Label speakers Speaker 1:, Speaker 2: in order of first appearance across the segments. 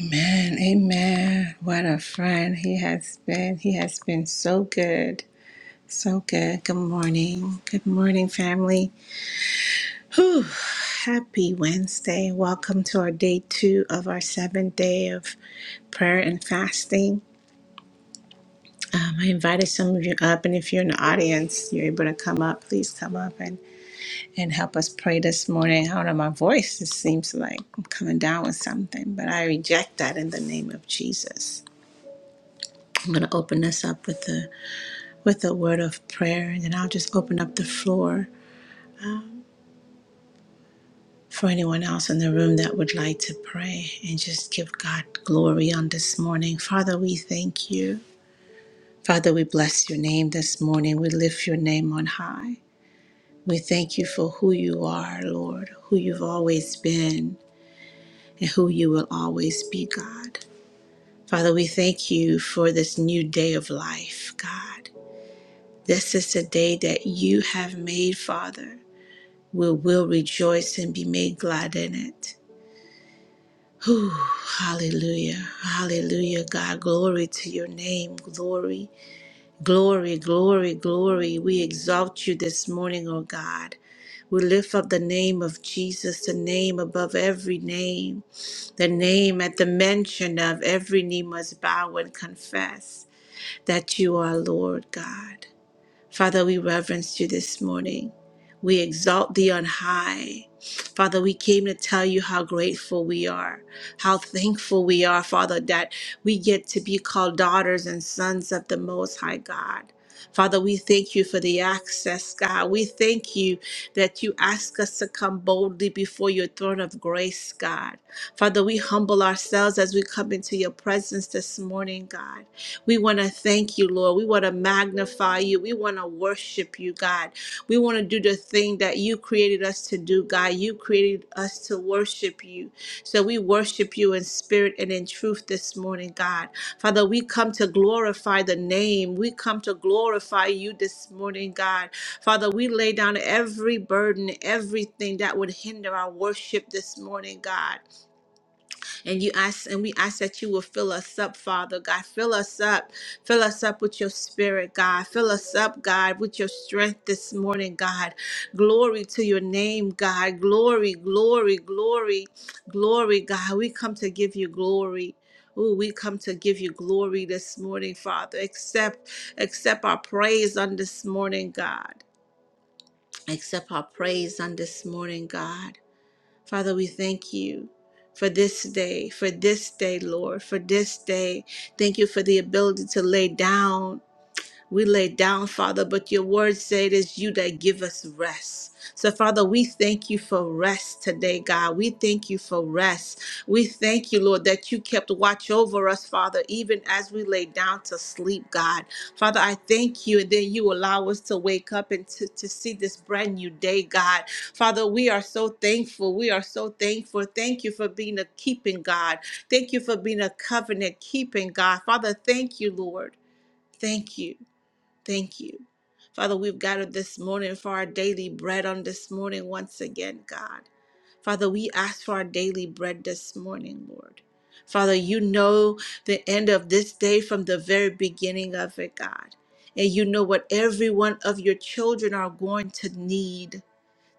Speaker 1: Amen. Amen. What a friend he has been. He has been so good. So good. Good morning. Good morning, family. Whew. Happy Wednesday. Welcome to our day two of our seventh day of prayer and fasting. Um, I invited some of you up, and if you're in the audience, you're able to come up. Please come up and, and help us pray this morning. I don't know, my voice just seems like I'm coming down with something, but I reject that in the name of Jesus. I'm going to open us up with a with a word of prayer, and then I'll just open up the floor for anyone else in the room that would like to pray and just give God glory on this morning. Father, we thank you. Father, we bless your name this morning. We lift your name on high. We thank you for who you are, Lord, who you've always been, and who you will always be, God. Father, we thank you for this new day of life, God. This is the day that you have made, Father. We will rejoice and be made glad in it. Whew, hallelujah. Hallelujah, God. Glory to your name. Glory, glory, glory, glory. We exalt you this morning, O God. We lift up the name of Jesus, the name above every name, the name at the mention of every knee must bow and confess that you are Lord God. Father, we reverence you this morning. We exalt thee on high. Father, we came to tell you how grateful we are, how thankful we are, Father, that we get to be called daughters and sons of the Most High God. Father, we thank you for the access, God. We thank you that you ask us to come boldly before your throne of grace, God. Father, we humble ourselves as we come into your presence this morning, God. We want to thank you, Lord. We want to magnify you. We want to worship you, God. We want to do the thing that you created us to do, God. You created us to worship you. So we worship you in spirit and in truth this morning, God. Father, we come to glorify the name. We come to glorify you this morning, God. Father, we lay down every burden, everything that would hinder our worship this morning, God. And you ask, and we ask that you will fill us up, Father God. Fill us up. Fill us up with your spirit, God. Fill us up, God, with your strength this morning, God. Glory to your name, God. Glory, glory, glory, glory, God. We come to give you glory. Ooh, we come to give you glory this morning, Father. Accept, accept our praise on this morning, God. Accept our praise on this morning, God. Father, we thank you for this day, for this day, Lord, for this day. Thank you for the ability to lay down we lay down, Father, but your word said it is you that give us rest. So, Father, we thank you for rest today, God. We thank you for rest. We thank you, Lord, that you kept watch over us, Father, even as we lay down to sleep, God. Father, I thank you, and then you allow us to wake up and to, to see this brand new day, God. Father, we are so thankful. We are so thankful. Thank you for being a keeping God. Thank you for being a covenant keeping God. Father, thank you, Lord. Thank you. Thank you. Father, we've gathered this morning for our daily bread on this morning once again, God. Father, we ask for our daily bread this morning, Lord. Father, you know the end of this day from the very beginning of it, God. And you know what every one of your children are going to need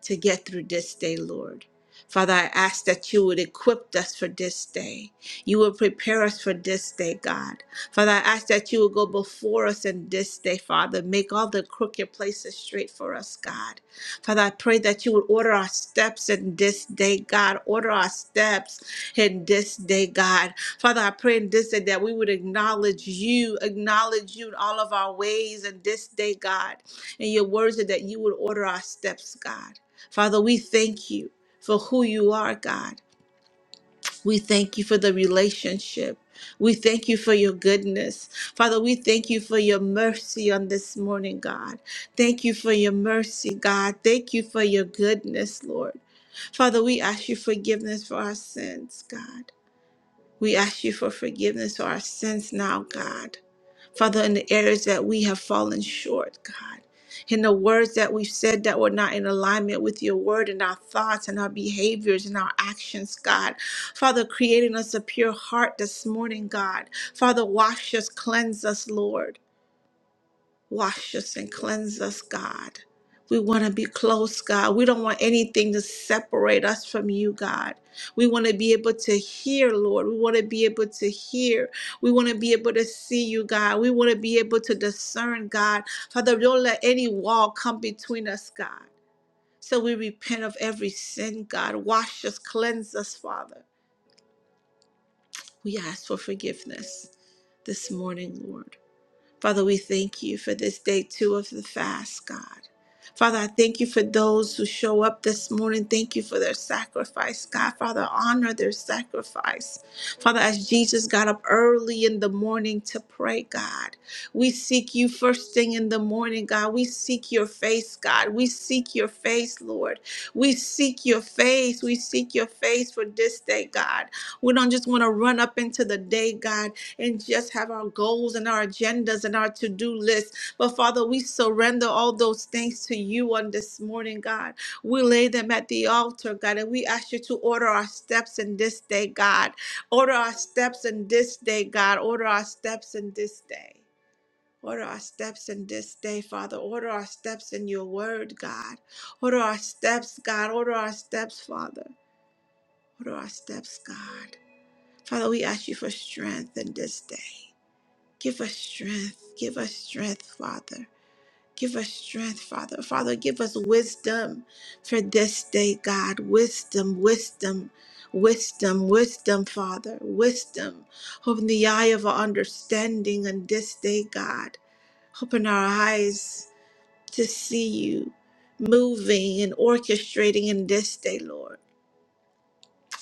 Speaker 1: to get through this day, Lord. Father, I ask that you would equip us for this day. You would prepare us for this day, God. Father, I ask that you would go before us in this day, Father. Make all the crooked places straight for us, God. Father, I pray that you would order our steps in this day, God. Order our steps in this day, God. Father, I pray in this day that we would acknowledge you, acknowledge you in all of our ways in this day, God. And your words are that you would order our steps, God. Father, we thank you for who you are, God. We thank you for the relationship. We thank you for your goodness. Father, we thank you for your mercy on this morning, God. Thank you for your mercy, God. Thank you for your goodness, Lord. Father, we ask you forgiveness for our sins, God. We ask you for forgiveness for our sins now, God. Father, in the areas that we have fallen short, God, in the words that we've said that were not in alignment with your word and our thoughts and our behaviors and our actions, God. Father, creating us a pure heart this morning, God. Father, wash us, cleanse us, Lord. Wash us and cleanse us, God. We want to be close, God. We don't want anything to separate us from you, God. We want to be able to hear, Lord. We want to be able to hear. We want to be able to see you, God. We want to be able to discern, God. Father, don't let any wall come between us, God. So we repent of every sin, God. Wash us, cleanse us, Father. We ask for forgiveness this morning, Lord. Father, we thank you for this day two of the fast, God. Father, I thank you for those who show up this morning. Thank you for their sacrifice, God. Father, honor their sacrifice. Father, as Jesus got up early in the morning to pray, God, we seek you first thing in the morning, God. We seek your face, God. We seek your face, Lord. We seek your face. We seek your face for this day, God. We don't just want to run up into the day, God and just have our goals and our agendas and our to do list. But Father, we surrender all those things to you on this morning, God. We lay them at the altar, God, and we ask you to order our steps in this day, God. Order our steps in this day, God. Order our steps in this day. Order our steps in this day, Father. Order our steps in your word, God. Order our steps, God. Order our steps, Father. Order our steps, God. Father, we ask you for strength in this day. Give us strength. Give us strength, Father. Give us strength, Father. Father, give us wisdom for this day, God. Wisdom, wisdom, wisdom, wisdom, Father. Wisdom. Open the eye of our understanding on this day, God. Open our eyes to see you moving and orchestrating in this day, Lord.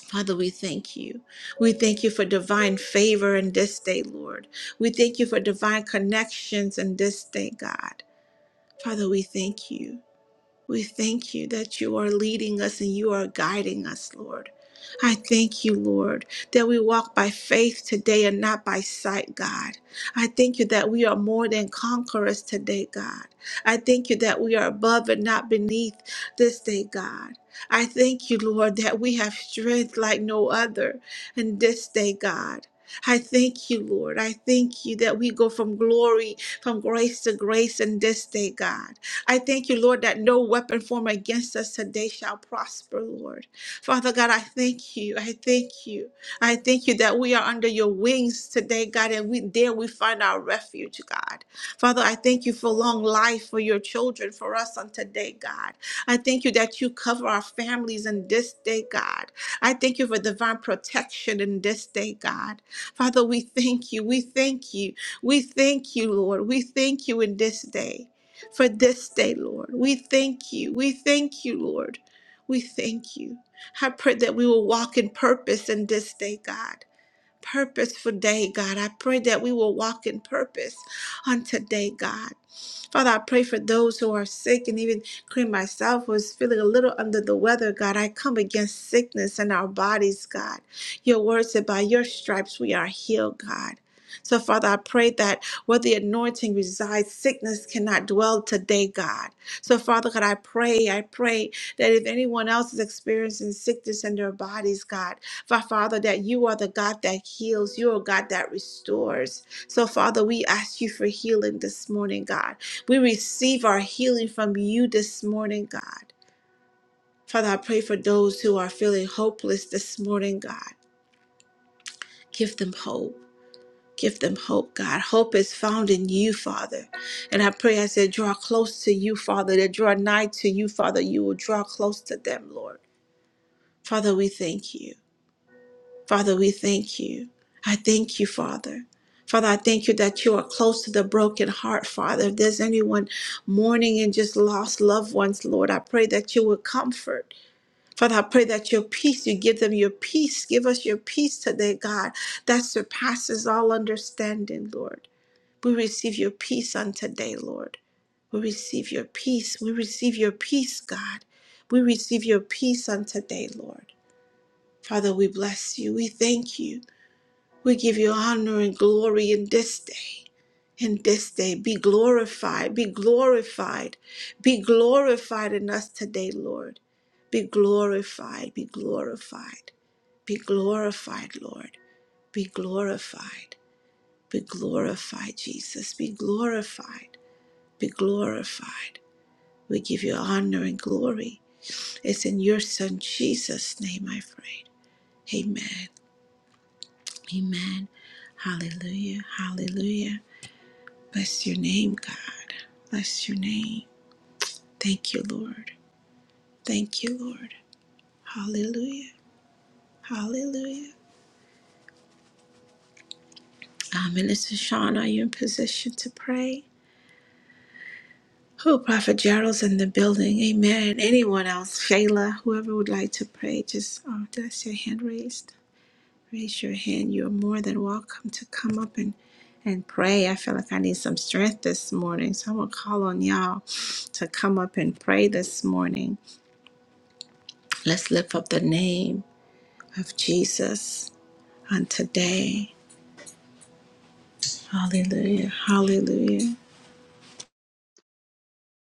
Speaker 1: Father, we thank you. We thank you for divine favor in this day, Lord. We thank you for divine connections in this day, God. Father, we thank you. We thank you that you are leading us and you are guiding us, Lord. I thank you, Lord, that we walk by faith today and not by sight, God. I thank you that we are more than conquerors today, God. I thank you that we are above and not beneath this day, God. I thank you, Lord, that we have strength like no other in this day, God. I thank you, Lord. I thank you that we go from glory, from grace to grace in this day, God. I thank you, Lord, that no weapon formed against us today shall prosper, Lord. Father God, I thank you. I thank you. I thank you that we are under your wings today, God, and we there we find our refuge, God. Father, I thank you for long life for your children, for us on today, God. I thank you that you cover our families in this day, God. I thank you for divine protection in this day, God. Father, we thank you. We thank you. We thank you, Lord. We thank you in this day for this day, Lord. We thank you. We thank you, Lord. We thank you. I pray that we will walk in purpose in this day, God. Purposeful day, God. I pray that we will walk in purpose on today, God. Father, I pray for those who are sick and even including myself was feeling a little under the weather, God. I come against sickness in our bodies, God. Your word said, by your stripes we are healed, God. So, Father, I pray that where the anointing resides, sickness cannot dwell today, God. So, Father God, I pray, I pray that if anyone else is experiencing sickness in their bodies, God, fa- Father, that you are the God that heals, you are God that restores. So, Father, we ask you for healing this morning, God. We receive our healing from you this morning, God. Father, I pray for those who are feeling hopeless this morning, God. Give them hope. Give them hope, God. Hope is found in you, Father. And I pray as they draw close to you, Father, they draw nigh to you, Father. You will draw close to them, Lord. Father, we thank you. Father, we thank you. I thank you, Father. Father, I thank you that you are close to the broken heart, Father. If there's anyone mourning and just lost loved ones, Lord, I pray that you will comfort. Father, I pray that your peace, you give them your peace. Give us your peace today, God, that surpasses all understanding, Lord. We receive your peace on today, Lord. We receive your peace. We receive your peace, God. We receive your peace on today, Lord. Father, we bless you. We thank you. We give you honor and glory in this day. In this day, be glorified, be glorified, be glorified in us today, Lord. Be glorified, be glorified, be glorified, Lord. Be glorified, be glorified, Jesus. Be glorified, be glorified. We give you honor and glory. It's in your Son, Jesus' name I pray. Amen. Amen. Hallelujah. Hallelujah. Bless your name, God. Bless your name. Thank you, Lord. Thank you, Lord. Hallelujah. Hallelujah. Uh, Minister Sean, are you in position to pray? Who, Prophet Gerald's in the building. Amen. Anyone else? Shayla, whoever would like to pray, just uh, did I see a hand raised? Raise your hand. You're more than welcome to come up and and pray. I feel like I need some strength this morning. So I'm gonna call on y'all to come up and pray this morning. Let's lift up the name. of Jesus on today. Hallelujah. Hallelujah.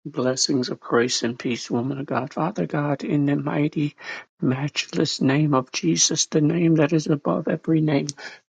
Speaker 2: Blessings of grace and peace, woman of God, Father God, in the mighty, matchless name of Jesus, the name that is above every name.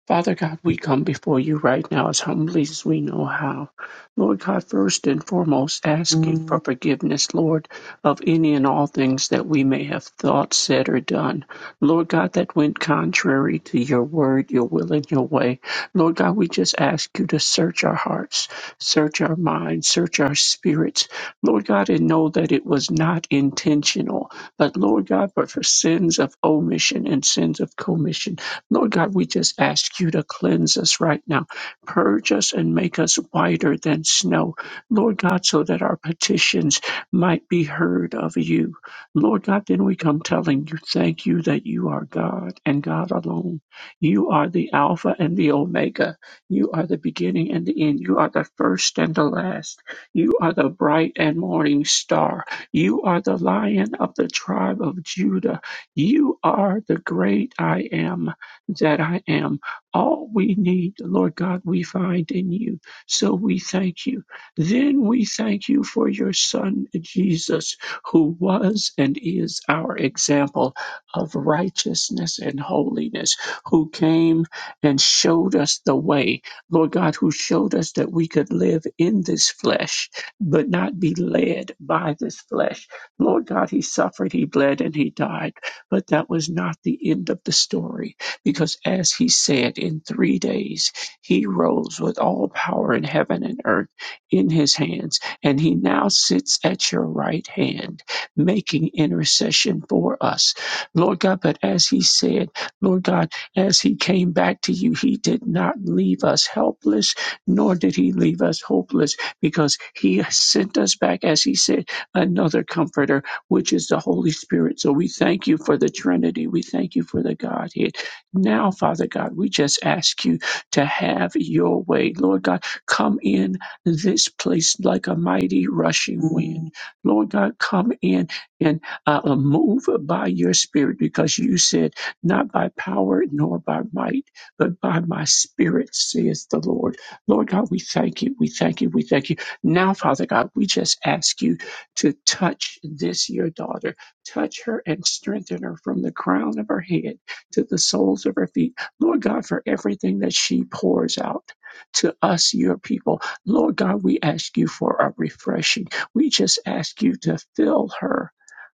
Speaker 2: Father God, we come before you right now as humbly as we know how. Lord God, first and foremost, asking for forgiveness, Lord, of any and all things that we may have thought, said, or done. Lord God, that went contrary to your word, your will, and your way. Lord God, we just ask you to search our hearts, search our minds, search our spirits. Lord God, and know that it was not intentional. But Lord God, but for sins of omission and sins of commission, Lord God, we just ask you to cleanse us right now. Purge us and make us whiter than snow. Lord God, so that our petitions might be heard of you. Lord God, then we come telling you, thank you that you are God and God alone. You are the Alpha and the Omega. You are the beginning and the end. You are the first and the last. You are the bright and morning star. You are the lion of the tribe of Judah. You are the great I am that I am. All we need, Lord God, we find in you. So we thank you. Then we thank you for your son, Jesus who was and is our example of righteousness and holiness, who came and showed us the way, Lord God, who showed us that we could live in this flesh, but not be led by this flesh. Lord God, He suffered, He bled, and He died. But that was not the end of the story, because as He said, in three days He rose with all power in heaven and earth in His hands and he now sits at your right hand, making intercession for us. Lord God, but as he said, Lord God, as he came back to you, he did not leave us helpless, nor did he leave us hopeless, because he sent us back, as he said, another comforter, which is the Holy Spirit. So we thank you for the Trinity. We thank you for the Godhead. Now, Father God, we just ask you to have your way. Lord God, come in this place like a mighty rushing wind. Lord God, come in and uh, uh, move by your spirit because you said, not by power nor by might, but by my spirit, saith the Lord. Lord God, we thank you. We thank you. We thank you. Now, Father God, we just ask you to touch this, your daughter. Touch her and strengthen her from the crown of her head to the soles of her feet. Lord God, for everything that she pours out to us, your people. Lord God, we ask you for a refreshing. We just ask you to fill her.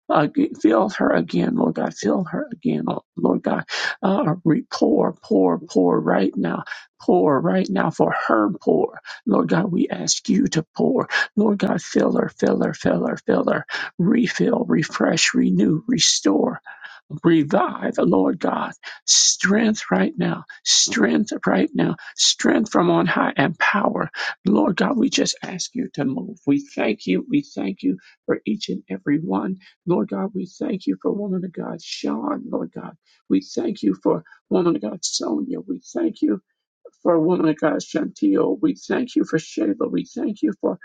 Speaker 2: Uh, fill her again, Lord God. Fill her again, oh, Lord God. Uh, re- pour, pour, pour right now. Pour right now for her pour. Lord God, we ask you to pour. Lord God, fill her, fill her, fill her, fill her. Refill, refresh, renew, restore revive, oh Lord God, strength right now, strength right now, strength from on high and power. Lord God, we just ask you to move. We thank you. We thank you for each and every one. Lord God, we thank you for woman of God, Sean, Lord God. We thank you for woman of God, Sonia. We thank you for a woman of God's genteel. We thank you for Shayla. We thank you for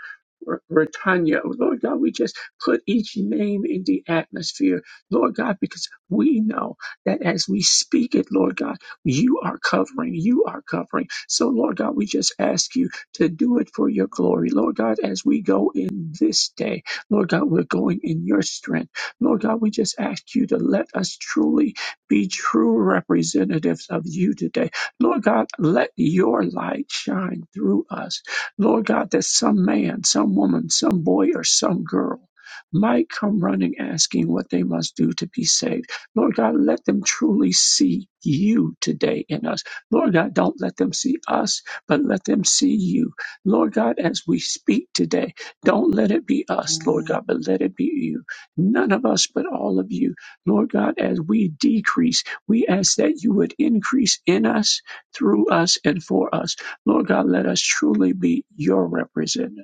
Speaker 2: R- Ritanya. Lord God, we just put each name in the atmosphere, Lord God, because we know that as we speak it, Lord God, you are covering, you are covering. So, Lord God, we just ask you to do it for your glory. Lord God, as we go in this day, Lord God, we're going in your strength. Lord God, we just ask you to let us truly be true representatives of you today. Lord God, let your light shine through us. Lord God, that some man, some woman, some boy, or some girl might come running asking what they must do to be saved. Lord God, let them truly see you today in us. Lord God, don't let them see us, but let them see you. Lord God, as we speak today, don't let it be us, Lord God, but let it be you. None of us, but all of you. Lord God, as we decrease, we ask that you would increase in us through us and for us. Lord God, let us truly be your representatives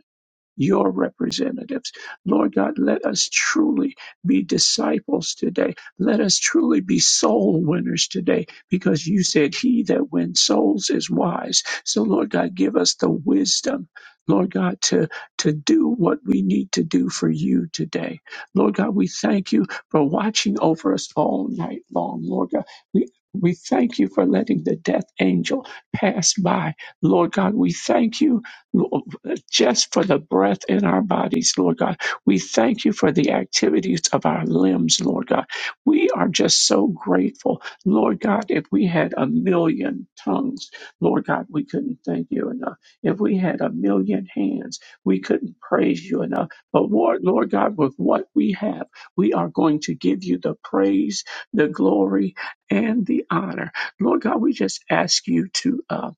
Speaker 2: your representatives. Lord God, let us truly be disciples today. Let us truly be soul winners today because you said he that wins souls is wise. So Lord God, give us the wisdom, Lord God, to, to do what we need to do for you today. Lord God, we thank you for watching over us all night long. Lord God, we we thank you for letting the death angel pass by. Lord God, we thank you just for the breath in our bodies, Lord God. We thank you for the activities of our limbs, Lord God. We are just so grateful. Lord God, if we had a million tongues, Lord God, we couldn't thank you enough. If we had a million hands, we couldn't praise you enough. But Lord, Lord God, with what we have, we are going to give you the praise, the glory, and the honor. Lord God, we just ask you to. Uh,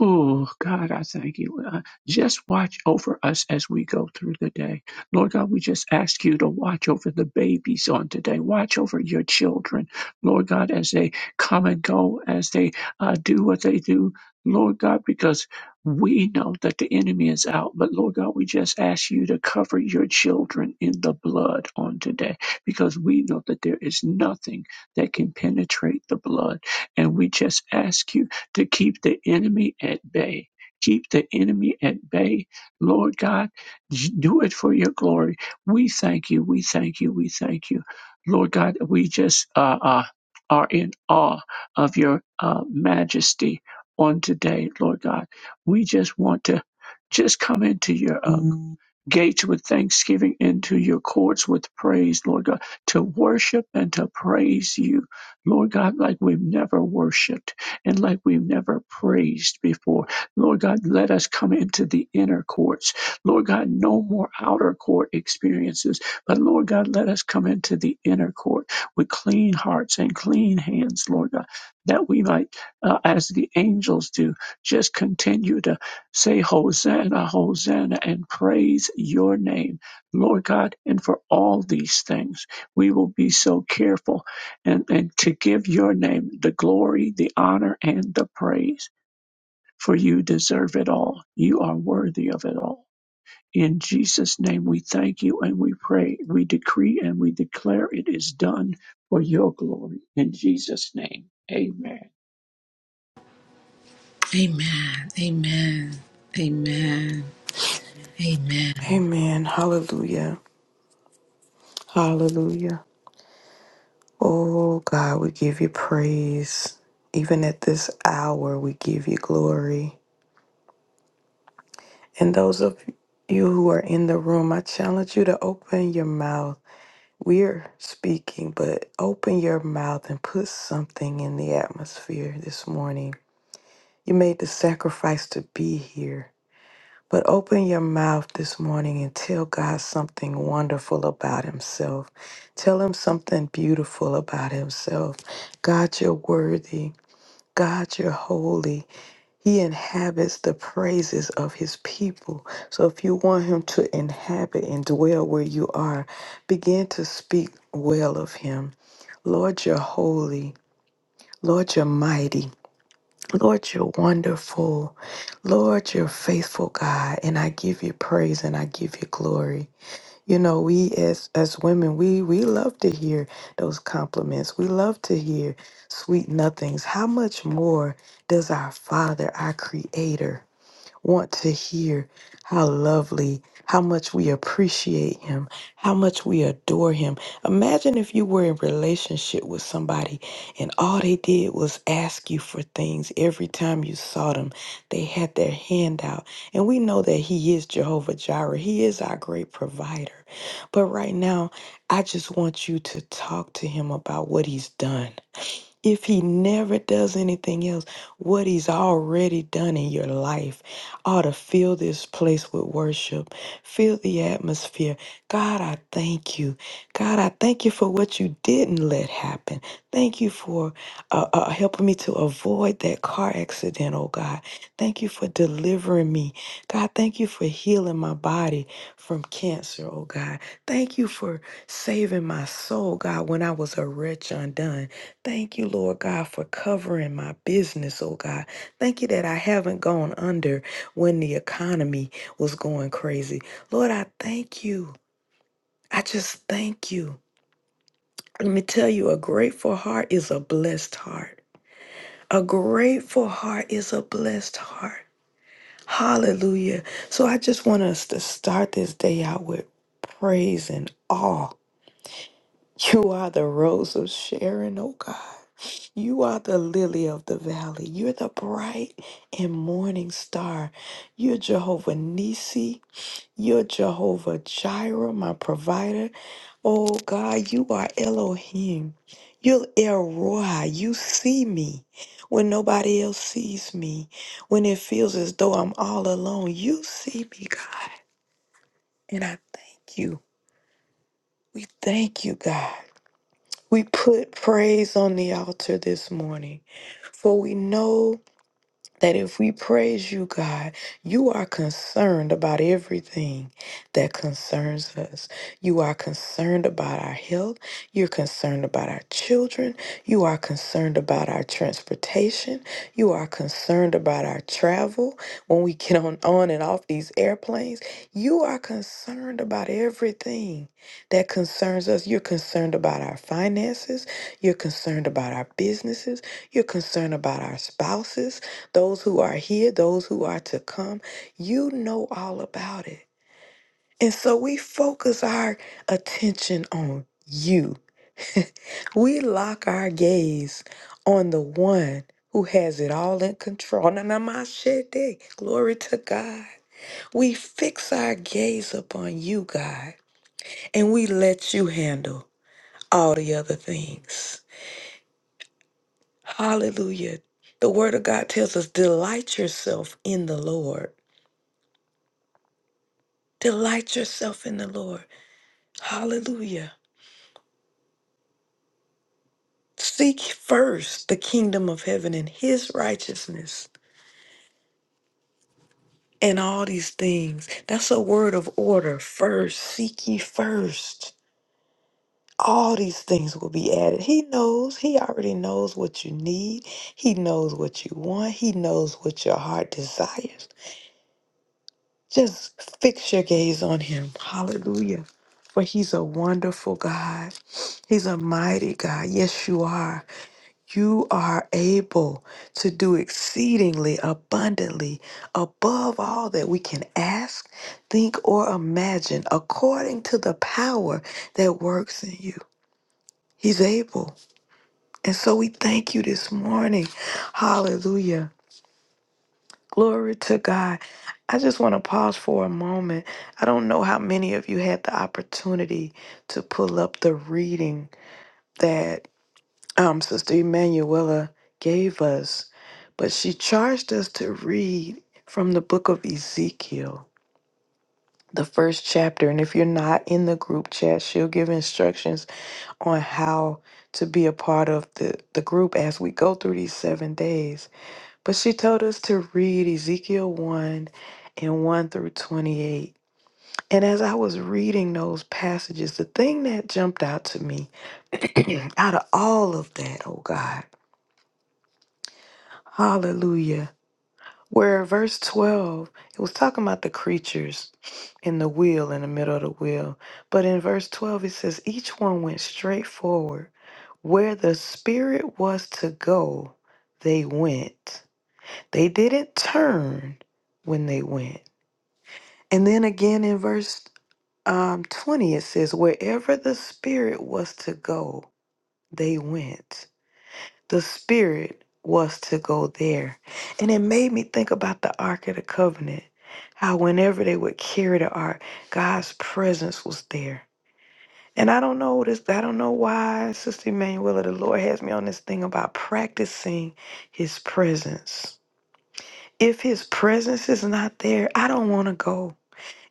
Speaker 2: Oh, God, I thank you. Uh, Just watch over us as we go through the day. Lord God, we just ask you to watch over the babies on today. Watch over your children, Lord God, as they come and go, as they uh, do what they do. Lord God, because we know that the enemy is out, but Lord God, we just ask you to cover your children in the blood on today, because we know that there is nothing that can penetrate the blood. And we just ask you to keep the enemy at bay. Keep the enemy at bay. Lord God, j- do it for your glory. We thank you. We thank you. We thank you. Lord God, we just uh, uh, are in awe of your uh, majesty on today, Lord God. We just want to just come into your uh, gates with thanksgiving, into your courts with praise, Lord God, to worship and to praise you, Lord God, like we've never worshiped and like we've never praised before. Lord God, let us come into the inner courts. Lord God, no more outer court experiences, but Lord God, let us come into the inner court with clean hearts and clean hands, Lord God, that we might, uh, as the angels do, just continue to say, Hosanna, Hosanna, and praise your name, Lord God. And for all these things, we will be so careful and, and to give your name the glory, the honor, and the praise, for you deserve it all. You are worthy of it all. In Jesus' name, we thank you and we pray. We decree and we declare it is done for your glory. In Jesus' name, amen.
Speaker 1: Amen. Amen. Amen. Amen.
Speaker 3: Amen. Hallelujah. Hallelujah. Oh God, we give you praise. Even at this hour, we give you glory. And those of you who are in the room, I challenge you to open your mouth. We're speaking, but open your mouth and put something in the atmosphere this morning. You made the sacrifice to be here. But open your mouth this morning and tell God something wonderful about Himself. Tell Him something beautiful about Himself. God, you're worthy. God, you're holy. He inhabits the praises of His people. So if you want Him to inhabit and dwell where you are, begin to speak well of Him. Lord, you're holy. Lord, you're mighty. Lord, you're wonderful. Lord, you're faithful, God, and I give you praise and I give you glory. You know, we as as women, we we love to hear those compliments. We love to hear sweet nothings. How much more does our Father, our creator? want to hear how lovely, how much we appreciate him, how much we adore him. Imagine if you were in relationship with somebody and all they did was ask you for things every time you saw them. They had their hand out. And we know that he is Jehovah Jireh. He is our great provider. But right now, I just want you to talk to him about what he's done if he never does anything else, what he's already done in your life ought to fill this place with worship, fill the atmosphere. God, I thank you. God, I thank you for what you didn't let happen. Thank you for uh, uh, helping me to avoid that car accident, oh God. Thank you for delivering me. God, thank you for healing my body from cancer, oh God. Thank you for saving my soul, God, when I was a wretch undone. Thank you, Lord God, for covering my business, oh God. Thank you that I haven't gone under when the economy was going crazy. Lord, I thank you. I just thank you. Let me tell you, a grateful heart is a blessed heart. A grateful heart is a blessed heart. Hallelujah. So I just want us to start this day out with praise and awe. You are the rose of Sharon, oh God. You are the lily of the valley. You're the bright and morning star. You're Jehovah Nisi. You're Jehovah Jireh, my provider. Oh God, you are Elohim. You're El Roi. You see me when nobody else sees me. When it feels as though I'm all alone, you see me, God. And I thank you. We thank you, God. We put praise on the altar this morning, for we know. that if we praise you, God, you are concerned about everything that concerns us. You are concerned about our health. You're concerned about our children. You are concerned about our transportation. You are concerned about our travel when we get on, on and off these airplanes. You are concerned about everything that concerns us. You're concerned about our finances. You're concerned about our businesses. You're concerned about our spouses those who are here, those who are to come. You know all about it. And so we focus our attention on you. we lock our gaze on the one who has it all in control. Nanamashede. Glory to God. We fix our gaze upon you, God, and we let you handle all the other things. Hallelujah. The word of God tells us, delight yourself in the Lord Delight yourself in the Lord. Hallelujah. Seek first the kingdom of heaven and his righteousness and all these things. That's a word of order. First, seek ye first. All these things will be added. He knows. He already knows what you need. He knows what you want. He knows what your heart desires. Just fix your gaze on him. Hallelujah. For he's a wonderful God. He's a mighty God. Yes, you are. You are able to do exceedingly abundantly above all that we can ask, think, or imagine according to the power that works in you. He's able. And so we thank you this morning. Hallelujah. Glory to God. I just want to pause for a moment. I don't know how many of you had the opportunity to pull up the reading that. um, Sister Emanuela gave us, but she charged us to read from the book of Ezekiel, the first chapter. And if you're not in the group chat, she'll give instructions on how to be a part of the, the group as we go through these seven days. But she told us to read Ezekiel 1 and 1 through 28. And as I was reading those passages, the thing that jumped out to me out of all of that, oh God, hallelujah Where verse 12, it was talking about the creatures in the wheel, in the middle of the wheel. But in verse 12, it says, each one went straight forward. Where the spirit was to go, they went. They didn't turn when they went. And then again in verse um, 20, it says, wherever the spirit was to go, they went the spirit was to go there. And it made me think about the Ark of the Covenant, how whenever they would carry the ark, God's presence was there. And I don't know this, I don't know why, Sister Emanuela, the Lord has me on this thing about practicing his presence. If his presence is not there, I don't want to go.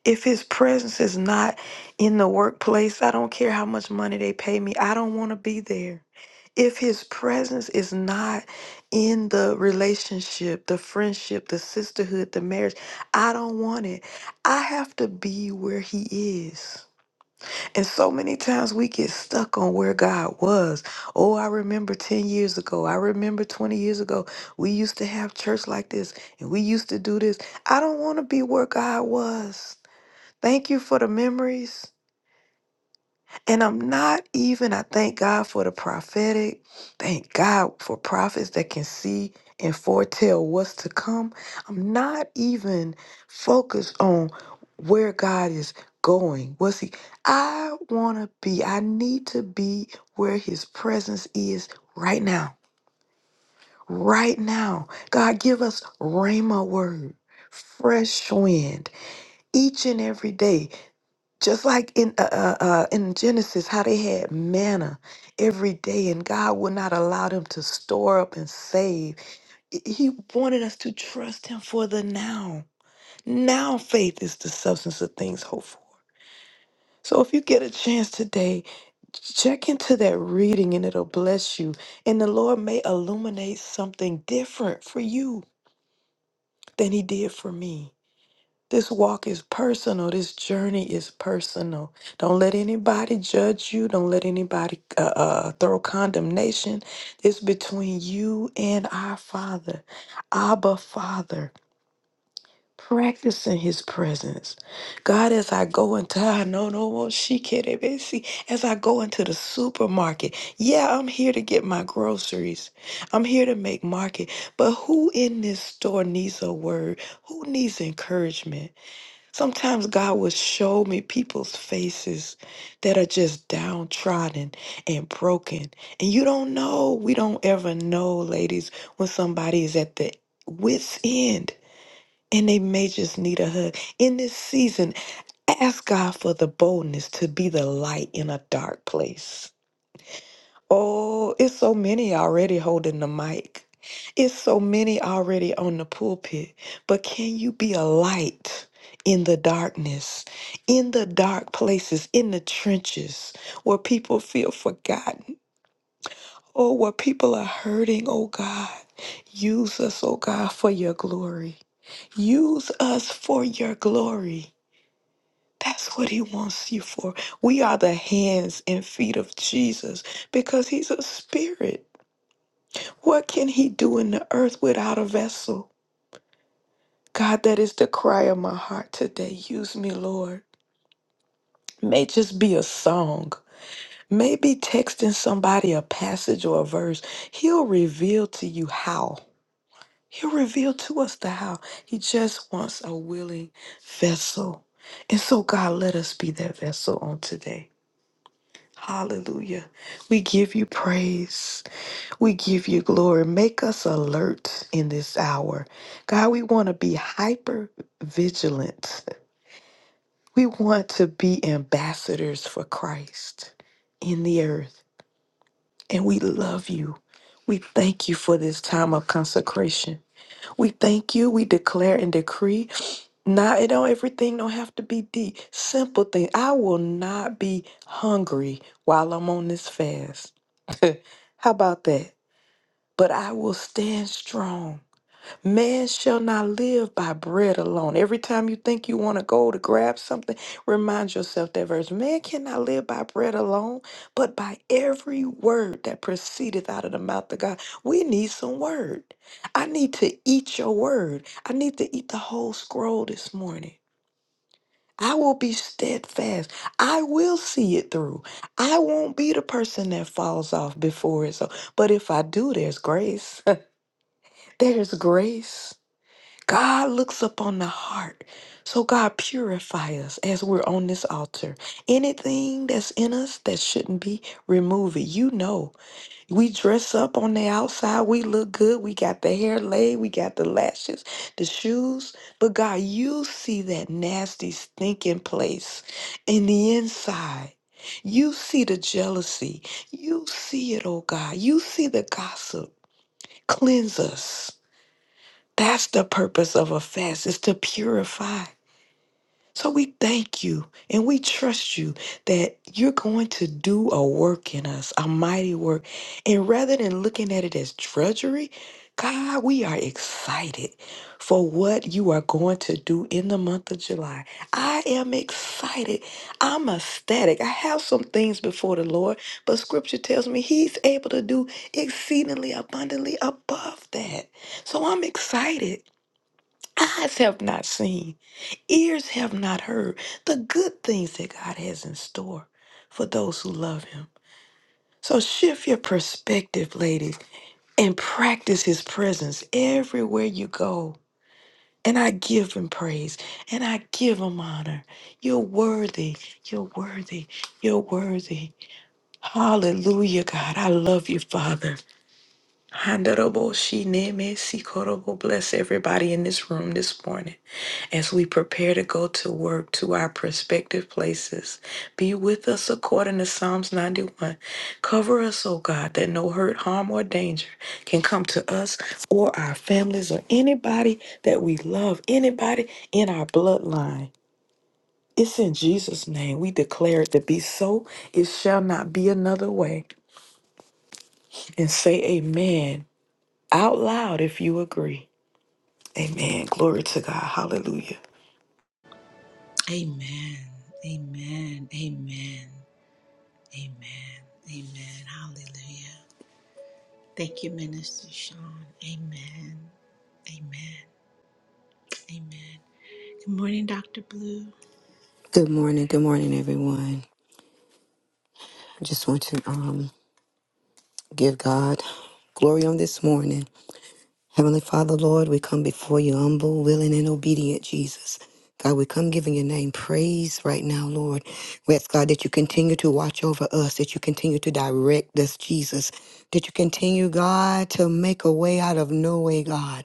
Speaker 3: If his presence is not in the workplace, I don't care how much money they pay me, I don't want to be there. If his presence is not in the relationship, the friendship, the sisterhood, the marriage, I don't want it. I have to be where he is. And so many times we get stuck on where God was. Oh, I remember 10 years ago. I remember 20 years ago. We used to have church like this and we used to do this. I don't want to be where God was. Thank you for the memories. And I'm not even, I thank God for the prophetic. Thank God for prophets that can see and foretell what's to come. I'm not even focused on where God is going. What's He? I want to be, I need to be where His presence is right now. Right now. God, give us Rhema word, fresh wind each and every day just like in uh, uh, uh, in Genesis, how they had manna every day, and God would not allow them to store up and save. I- He wanted us to trust Him for the now. Now, faith is the substance of things hoped for. So, if you get a chance today, check into that reading, and it'll bless you. And the Lord may illuminate something different for you than He did for me. This walk is personal. This journey is personal. Don't let anybody judge you. Don't let anybody uh, uh, throw condemnation. It's between you and our Father, Abba Father. Practicing His presence, God. As I go into, I know no more. She can't even see. As I go into the supermarket, yeah, I'm here to get my groceries. I'm here to make market. But who in this store needs a word? Who needs encouragement? Sometimes God will show me people's faces that are just downtrodden and broken. And you don't know, we don't ever know, ladies, when somebody is at the wits' end and they may just need a hug. In this season, ask God for the boldness to be the light in a dark place. Oh, it's so many already holding the mic. It's so many already on the pulpit. But can you be a light in the darkness, in the dark places, in the trenches where people feel forgotten or where people are hurting? Oh God, use us, oh God, for your glory. Use us for your glory. That's what he wants you for. We are the hands and feet of Jesus because he's a spirit. What can he do in the earth without a vessel? God, that is the cry of my heart today. Use me, Lord. May just be a song. Maybe texting somebody a passage or a verse. He'll reveal to you how. He'll reveal to us the how. He just wants a willing vessel. And so, God, let us be that vessel on today. Hallelujah. We give you praise. We give you glory. Make us alert in this hour. God, we want to be hyper vigilant. We want to be ambassadors for Christ in the earth. And we love you. We thank you for this time of consecration. We thank you. We declare and decree. Not it don't everything don't have to be deep. Simple thing. I will not be hungry while I'm on this fast. How about that? But I will stand strong Man shall not live by bread alone. Every time you think you want to go to grab something, remind yourself that verse. Man cannot live by bread alone, but by every word that proceedeth out of the mouth of God. We need some word. I need to eat your word. I need to eat the whole scroll this morning. I will be steadfast. I will see it through. I won't be the person that falls off before it's over. But if I do, there's grace. there's grace. God looks upon the heart. So God purify us as we're on this altar. Anything that's in us that shouldn't be, remove it. You know, we dress up on the outside. We look good. We got the hair laid. We got the lashes, the shoes. But God, you see that nasty, stinking place in the inside. You see the jealousy. You see it, oh God. You see the gossip. Cleanse us. That's the purpose of a fast, is to purify. So we thank you and we trust you that you're going to do a work in us, a mighty work. And rather than looking at it as drudgery, God, we are excited for what you are going to do in the month of July. I am excited. I'm ecstatic. I have some things before the Lord, but scripture tells me he's able to do exceedingly abundantly above that. So I'm excited. Eyes have not seen, ears have not heard the good things that God has in store for those who love Him. So shift your perspective, ladies, and practice His presence everywhere you go. And I give Him praise and I give Him honor. You're worthy. You're worthy. You're worthy. Hallelujah, God. I love you, Father. Honorable Shineme Sikorobo. Bless everybody in this room this morning. As we prepare to go to work to our prospective places, be with us according to Psalms 91. Cover us, O God, that no hurt, harm, or danger can come to us or our families or anybody that we love, anybody in our bloodline. It's in Jesus' name we declare it to be so. It shall not be another way. And say amen out loud if you agree. Amen. Glory to God. Hallelujah.
Speaker 1: Amen. Amen. Amen. Amen. Amen. Hallelujah. Thank you, Minister Sean. Amen. Amen. Amen. Good morning, Dr. Blue.
Speaker 4: Good morning, good morning, everyone. I just want to um, give God glory on this morning. Heavenly Father, Lord, we come before you humble, willing, and obedient, Jesus. God, we come giving your name praise right now, Lord. We ask, God, that you continue to watch over us, that you continue to direct us, Jesus, that you continue, God, to make a way out of no way, God.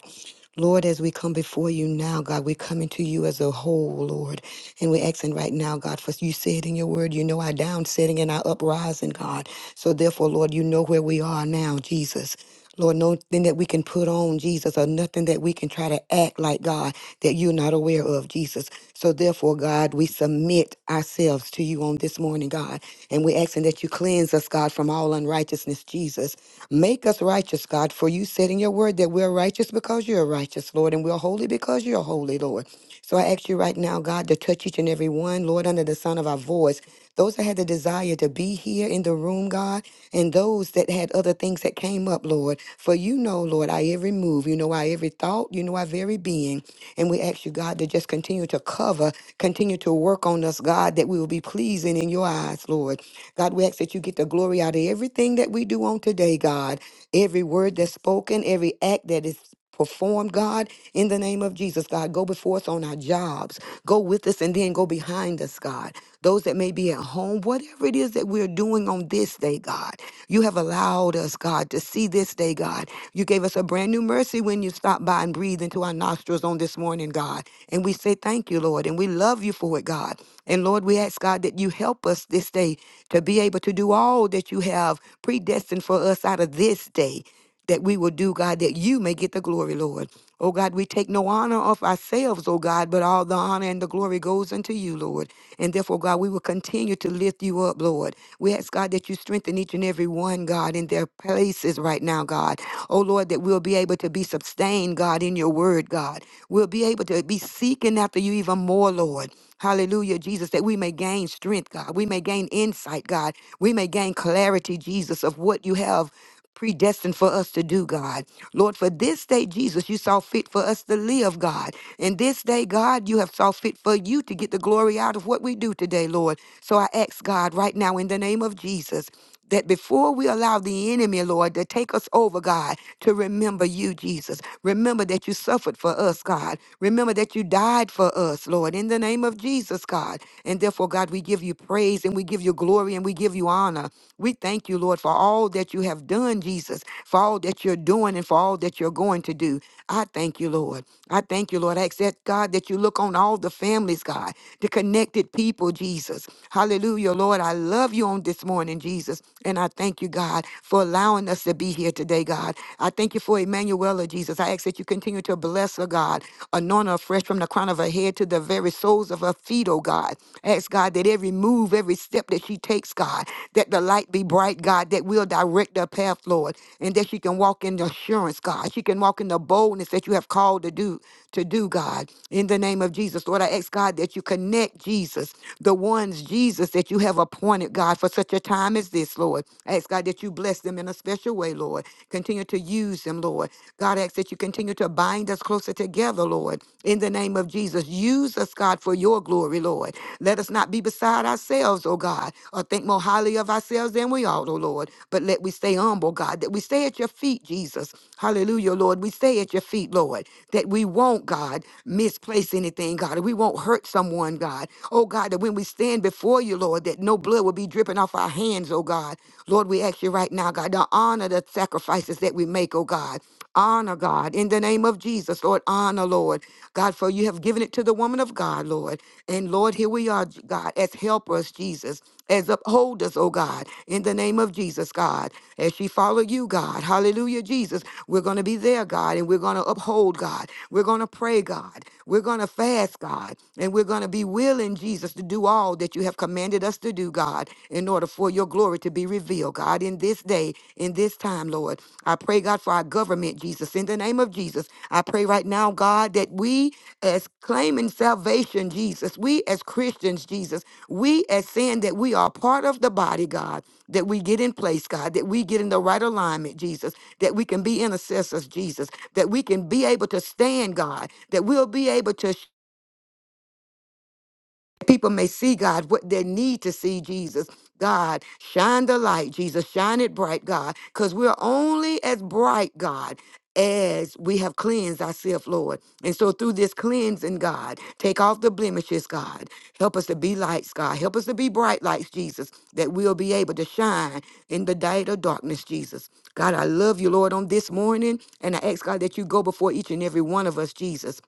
Speaker 4: Lord, as we come before you now, God, we're coming to you as a whole, Lord. And we're asking right now, God, for you said in your word, you know our downsetting and our uprising, God. So therefore, Lord, you know where we are now, Jesus. Lord, nothing that we can put on, Jesus, or nothing that we can try to act like God that you're not aware of, Jesus. So therefore, God, we submit ourselves to you on this morning, God. And we're asking that you cleanse us, God, from all unrighteousness, Jesus. Make us righteous, God, for you said in your word that we're righteous because you're righteous, Lord, and we're holy because you're holy, Lord. So I ask you right now, God, to touch each and every one, Lord, under the sound of our voice. Those that had the desire to be here in the room, God, and those that had other things that came up, Lord. For you know, Lord, our every move, you know our every thought, you know our very being. And we ask you, God, to just continue to cover, continue to work on us, God, that we will be pleasing in your eyes, Lord. God, we ask that you get the glory out of everything that we do on today, God. Every word that's spoken, every act that is performed, God, in the name of Jesus, God. Go before us on our jobs. Go with us and then go behind us, God. Those that may be at home, whatever it is that we're doing on this day, God, you have allowed us, God, to see this day, God. You gave us a brand new mercy when you stopped by and breathed into our nostrils on this morning, God. And we say thank you, Lord, and we love you for it, God. And Lord, we ask, God, that you help us this day to be able to do all that you have predestined for us out of this day that we will do, God, that you may get the glory, Lord. Oh God, we take no honor of ourselves, oh God, but all the honor and the glory goes unto you, Lord. And therefore, God, we will continue to lift you up, Lord. We ask, God, that you strengthen each and every one, God, in their places right now, God. Oh Lord, that we'll be able to be sustained, God, in your word, God. We'll be able to be seeking after you even more, Lord. Hallelujah, Jesus, that we may gain strength, God. We may gain insight, God. We may gain clarity, Jesus, of what you have predestined for us to do, God. Lord, for this day, Jesus, you saw fit for us to live, God. And this day, God, you have saw fit for you to get the glory out of what we do today, Lord. So I ask, God, right now in the name of Jesus that before we allow the enemy, Lord, to take us over, God, to remember you, Jesus. Remember that you suffered for us, God. Remember that you died for us, Lord, in the name of Jesus, God. And therefore, God, we give you praise and we give you glory and we give you honor. We thank you, Lord, for all that you have done, Jesus, for all that you're doing and for all that you're going to do. I thank you, Lord. I thank you, Lord. I ask that, God, that you look on all the families, God, to connect connected people, Jesus. Hallelujah, Lord. I love you on this morning, Jesus. And I thank you, God, for allowing us to be here today, God. I thank you for Emanuela, Jesus. I ask that you continue to bless her, God. Anoint her fresh from the crown of her head to the very soles of her feet, oh God. Ask God that every move, every step that she takes, God, that the light be bright, God, that will direct her path, Lord, and that she can walk in the assurance, God. She can walk in the boldness that you have called have called to do, to do, God. In the name of Jesus, Lord, I ask God that you connect Jesus, the ones, Jesus, that you have appointed, God, for such a time as this, Lord. I ask God that you bless them in a special way, Lord. Continue to use them, Lord. God, I ask that you continue to bind us closer together, Lord. In the name of Jesus, use us, God, for your glory, Lord. Let us not be beside ourselves, oh God, or think more highly of ourselves than we ought, oh Lord. But let we stay humble, God, that we stay at your feet, Jesus. Hallelujah, Lord. We stay at your feet, Lord, that we won't, God, misplace anything, God. that We won't hurt someone, God. Oh, God, that when we stand before you, Lord, that no blood will be dripping off our hands, oh, God. Lord, we ask you right now, God, to honor the sacrifices that we make, oh, God. Honor, God, in the name of Jesus, Lord, honor, Lord. God, for you have given it to the woman of God, Lord. And Lord, here we are, J- God, as helpers, Jesus, as upholders, oh God, in the name of Jesus, God. As she follow you, God, hallelujah, Jesus, we're going to be there, God, and we're going to uphold bold, God. We're going to pray, God. We're going to fast, God. And we're going to be willing, Jesus, to do all that you have commanded us to do, God, in order for your glory to be revealed, God, in this day, in this time, Lord. I pray, God, for our government, Jesus. In the name of Jesus, I pray right now, God, that we as claiming salvation, Jesus, we as Christians, Jesus, we as saying that we are part of the body, God, that we get in place, God, that we get in the right alignment, Jesus, that we can be intercessors, Jesus that we can be able to stand, God, that we'll be able to people may see God what they need to see Jesus. God, shine the light, Jesus, shine it bright, God, because we're only as bright, God, as we have cleansed ourselves, Lord. And so through this cleansing, God, take off the blemishes, God. Help us to be lights, God. Help us to be bright lights, Jesus, that we'll be able to shine in the night of darkness, Jesus. God, I love you, Lord, on this morning. And I ask, God, that you go before each and every one of us, Jesus.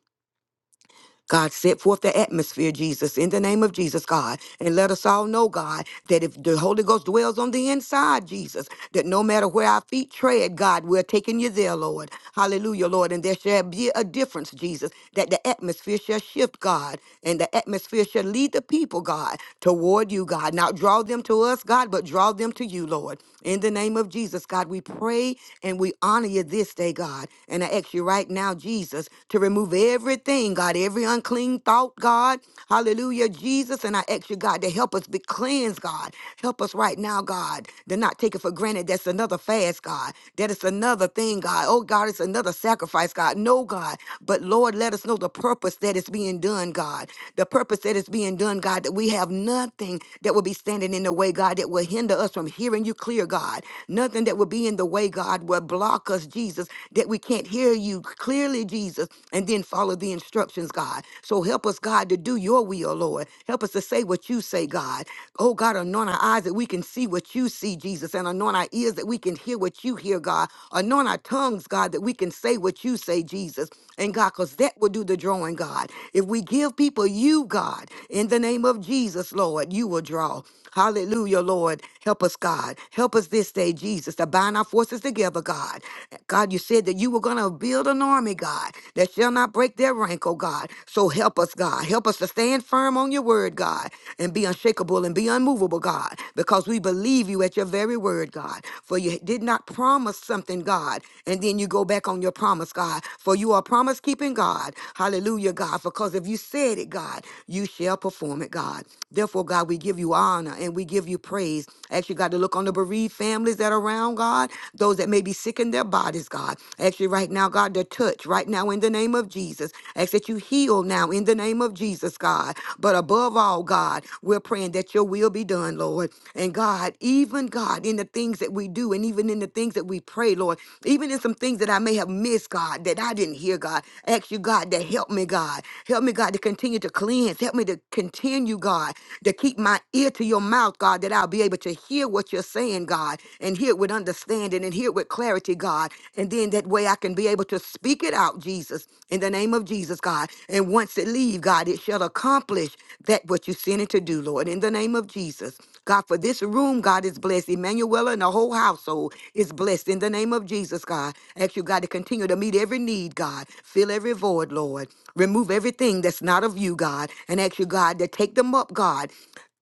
Speaker 4: God, set forth the atmosphere, Jesus, in the name of Jesus, God. And let us all know, God, that if the Holy Ghost dwells on the inside, Jesus, that no matter where our feet tread, God, we're taking you there, Lord. Hallelujah, Lord. And there shall be a difference, Jesus, that the atmosphere shall shift, God. And the atmosphere shall lead the people, God, toward you, God. Not draw them to us, God, but draw them to you, Lord. In the name of Jesus, God, we pray and we honor you this day, God. And I ask you right now, Jesus, to remove remove everything, God, every unclean thought, God. Hallelujah, Jesus. And I ask you, God, to help us be cleansed, God. Help us right now, God, to not take it for granted. That's another fast, God. That is another thing, God. Oh, God, it's another sacrifice, God. No, God. But Lord, let us know the purpose that is being done, God. The purpose that is being done, God, that we have nothing that will be standing in the way, God, that will hinder us from hearing you clear, God. Nothing that will be in the way, God, will block us, Jesus, that we can't hear you you clearly, Jesus, and then follow the instructions, God. So help us, God, to do your will, Lord. Help us to say what you say, God. Oh, God, anoint our eyes that we can see what you see, Jesus, and anoint our ears that we can hear what you hear, God. Anoint our tongues, God, that we can say what you say, Jesus. And God, because that will do the drawing, God. If we give people you, God, in the name of Jesus, Lord, you will draw. Hallelujah, Lord. Help us, God. Help us this day, Jesus, to bind our forces together, God. God, you said that you were going to build an army, God, that shall not break their rank, oh God. So help us, God. Help us to stand firm on your word, God, and be unshakable and be unmovable, God, because we believe you at your very word, God. For you did not promise something, God, and then you go back on your promise, God. For you are promise keeping, God. Hallelujah, God. Because if you said it, God, you shall perform it, God. Therefore, God, we give you give you honor and we give you praise. I Ask you, God, to look on the bereaved families that are around, God, those that may be sick in their bodies, God. I Ask you right now, God, to touch right now in the name of Jesus. I Ask that you heal now in the name of Jesus, God. But above all, God, we're praying that your will be done, Lord. And God, even God, in the things that we do and even in the things that we pray, Lord, even in some things that I may have missed, God, that I didn't hear, God, ask you, God, to help me, God. Help me, God, to continue to cleanse. Help me to continue, God, to to keep my ear to your mouth, God, that I'll be able to hear what you're saying, God, and hear it with understanding and hear it with clarity, God. And then that way I can be able to speak it out, Jesus, in the name of Jesus, God. And once it leave, God, it shall accomplish that what you sent it to do, Lord, in the name of Jesus. God, for this room, God is blessed. Emmanuel and the whole household is blessed in the name of Jesus, God. Ask you, God, to continue to meet every need, God. Fill every void, Lord. Remove everything that's not of you, God. And ask you, God, to take them up, God.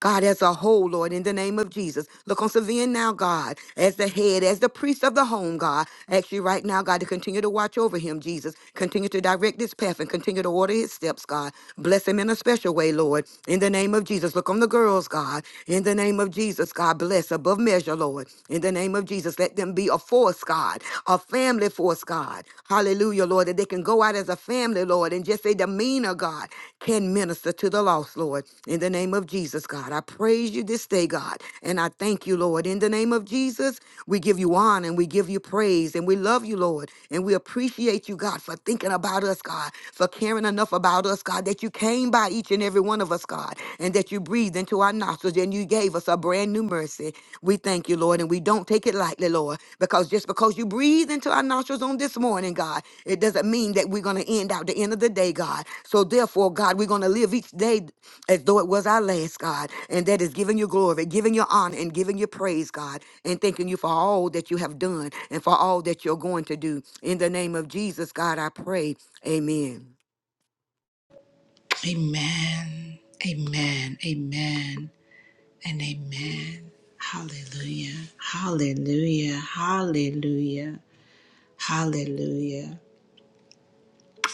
Speaker 4: God, as a whole, Lord, in the name of Jesus, look on Savian now, God, as the head, as the priest of the home, God. Ask you right now, God, to continue to watch over him, Jesus. Continue to direct this path and path and continue to order his steps, God. Bless him in a special way, Lord. In the name of Jesus, look on the girls, God. In the name of Jesus, God, bless above measure, Lord. In the name of Jesus, let them be a force, God, a family force, God. Hallelujah, Lord, that they can go out as a family, Lord, and just say demeanor, God, can minister to the lost, Lord. In the name of Jesus, God, I praise you this day, God, and I thank you, Lord. In the name of Jesus, we give you honor and we give you praise and we love you, Lord. And we appreciate you, God, for thinking about us, God, for caring enough about us, God, that you came by each and every one of us, God, and that you breathed into our nostrils and you gave us a brand new mercy. We thank you, Lord, and we don't take it lightly, Lord, because just because you breathed into our nostrils on this morning, God, it doesn't mean that we're going to end out the end of the day, God. So therefore, God, we're going to live each day as though it was our last, God. And that is giving you glory, giving you honor, and giving you praise, God, and thanking you for all that you have done and for all that you're going to do. In the name of Jesus, God, I pray. Amen.
Speaker 1: Amen. Amen. Amen. and amen. Hallelujah. Hallelujah. Hallelujah. Hallelujah.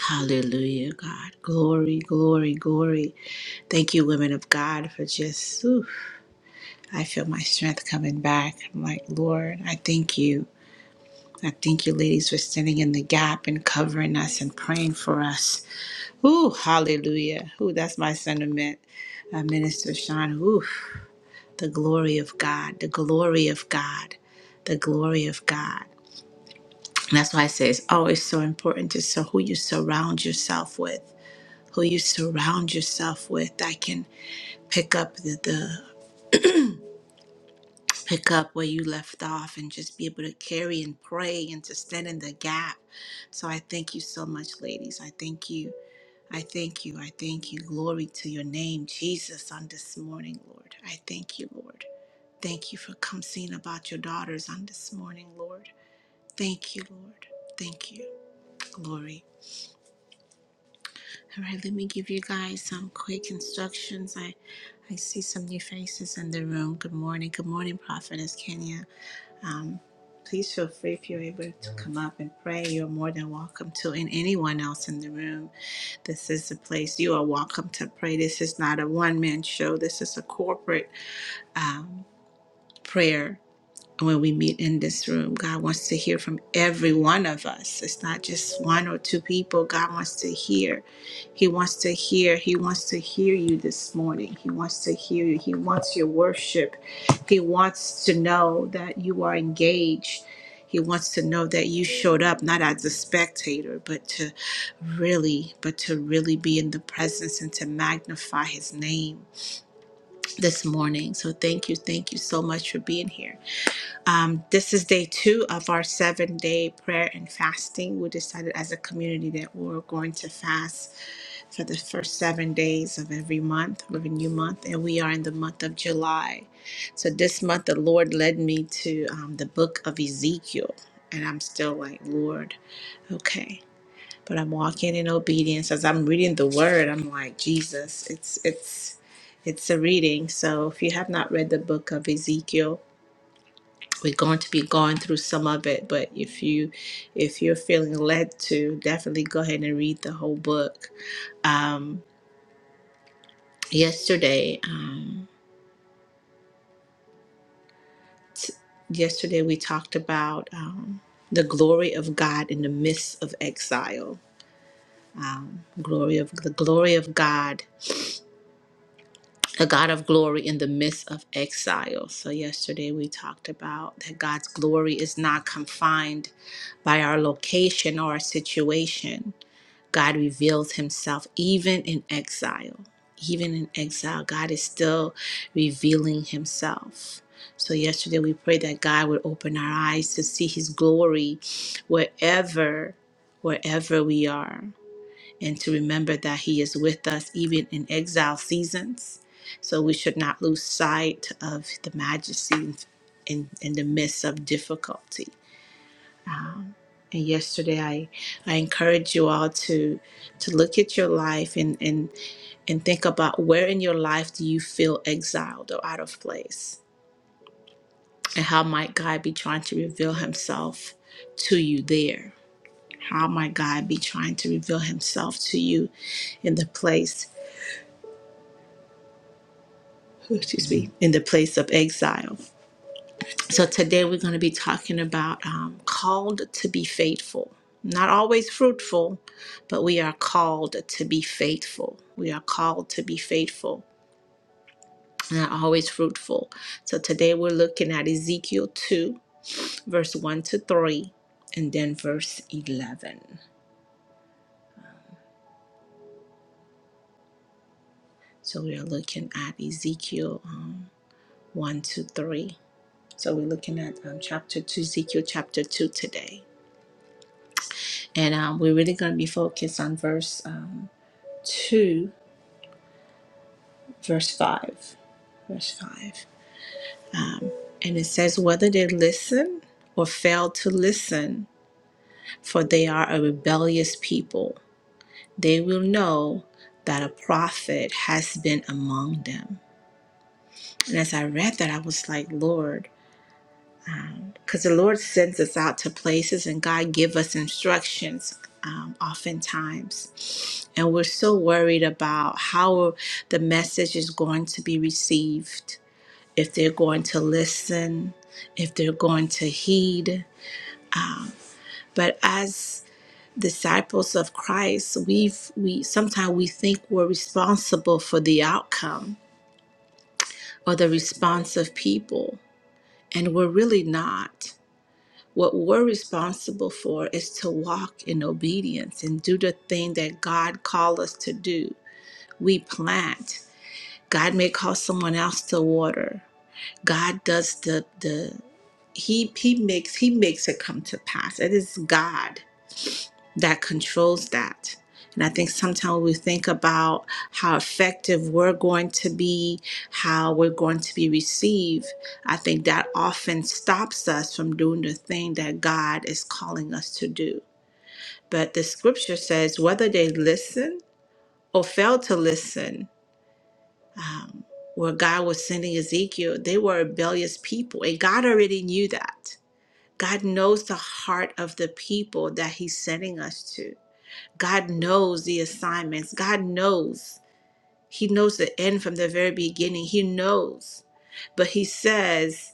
Speaker 1: Hallelujah, God. Glory, glory, glory. Thank you, women of God, for just, oof, I feel my strength coming back. I'm like, Lord, I thank you. I thank you, ladies, for standing in the gap and covering us and praying for us. Ooh, hallelujah. Ooh, that's my sentiment. Uh, Minister Sean, ooh. the glory of God, the glory of God, the glory of God. And that's why I say it's always so important to so who you surround yourself with, who you surround yourself with. I can pick up the, the pick up where you left off and just be able to carry and pray and to stand in the gap. So I thank you so much, ladies. I thank you. I thank you. I thank you. Glory to your name, Jesus, on this morning, Lord. I thank you, Lord. Thank you for coming about your daughters on this morning, Lord. Thank you, Lord. Thank you. Glory. All right, let me give you guys some quick instructions. I, I see some new faces in the room. Good morning. Good morning, Prophetess Kenya. Um, please feel free if you're able to come up and pray. You're more than welcome to, and anyone else in the room. This is a place you are welcome to pray. This is not a one man show, this is a corporate um, prayer when we meet in this room. God wants to hear from every one of us. It's not just one or two people. God wants to hear. He wants to hear. He wants to hear you this morning. He wants to hear you. He wants your worship. He wants to know that you are engaged. He wants to know that you showed up not as a spectator, but to really, but to really be in the presence and to magnify his name this morning. So thank you, thank you so much for being here. Um, this is day two of our seven day prayer and fasting. We decided as a community that we were going to fast for the first seven days of every month, of a new month, and we are in the month of July. So this month, the Lord led me to um, the book of Ezekiel, and I'm still like, Lord, okay. But I'm walking in obedience as I'm reading the word. I'm like, Jesus, it's, it's, it's a reading. So if you have not read the book of Ezekiel, we're going to be going through some of it but if you if you're feeling led to definitely go ahead and read the whole book um, yesterday um, yesterday we talked about um, the glory of god in the midst of exile glory of the glory of god the god of glory in the midst of exile so yesterday we talked about that god's glory is not confined by our location or our situation God reveals himself even in exile. Even in exile, God is still revealing himself. So, yesterday we prayed that God would open our eyes to see his glory wherever, wherever we are, and to remember that he is with us even in exile seasons. So, we should not lose sight of the majesty in, in the midst of difficulty. And yesterday, I, I encourage you all to to look at your life and, and and think about where in your life do you feel exiled or out of place, and how might God be trying to reveal Himself to you there? How might God be trying to reveal Himself to you in the place? Excuse me, in the place of exile. So today we're going to be talking about um, called to be faithful. Not always fruitful, but we are called to be faithful. We are called to be faithful, not always fruitful. So today we're looking at Ezekiel 2, verse 1 to 3, and then verse 11. So we are looking at Ezekiel um, 1 to 3. So we're looking at um, chapter 2, Ezekiel chapter 2 today. And um, we're really going to be focused on verse um, 2 verse 5. Verse 5. Um, and it says, Whether they listen or fail to listen, for they are a rebellious people, they will know that a prophet has been among them. And as I read that, I was like, Lord, because the Lord sends us out to places and God give us instructions um, oftentimes. And we're so worried about how the message is going to be received if they're going to listen, if they're going to heed. But as disciples of Christ, we've we sometimes we think we're responsible for the outcome or the response of people, and we're really not. What we're responsible for is to walk in obedience and do the thing that God called us to do. We plant. God may call someone else to water. God does the the he he makes he makes it come to pass it is god that controls that and i think sometimes we think about how effective we're going to be how we're going to be received i think that often stops us from doing the thing that god is calling us to do but the scripture says whether they listen or fail to listen um, where god was sending ezekiel they were a rebellious people and god already knew that God knows the heart of the people that He's sending us to. God knows the assignments. God knows. He knows the end from the very beginning. He knows. But He says,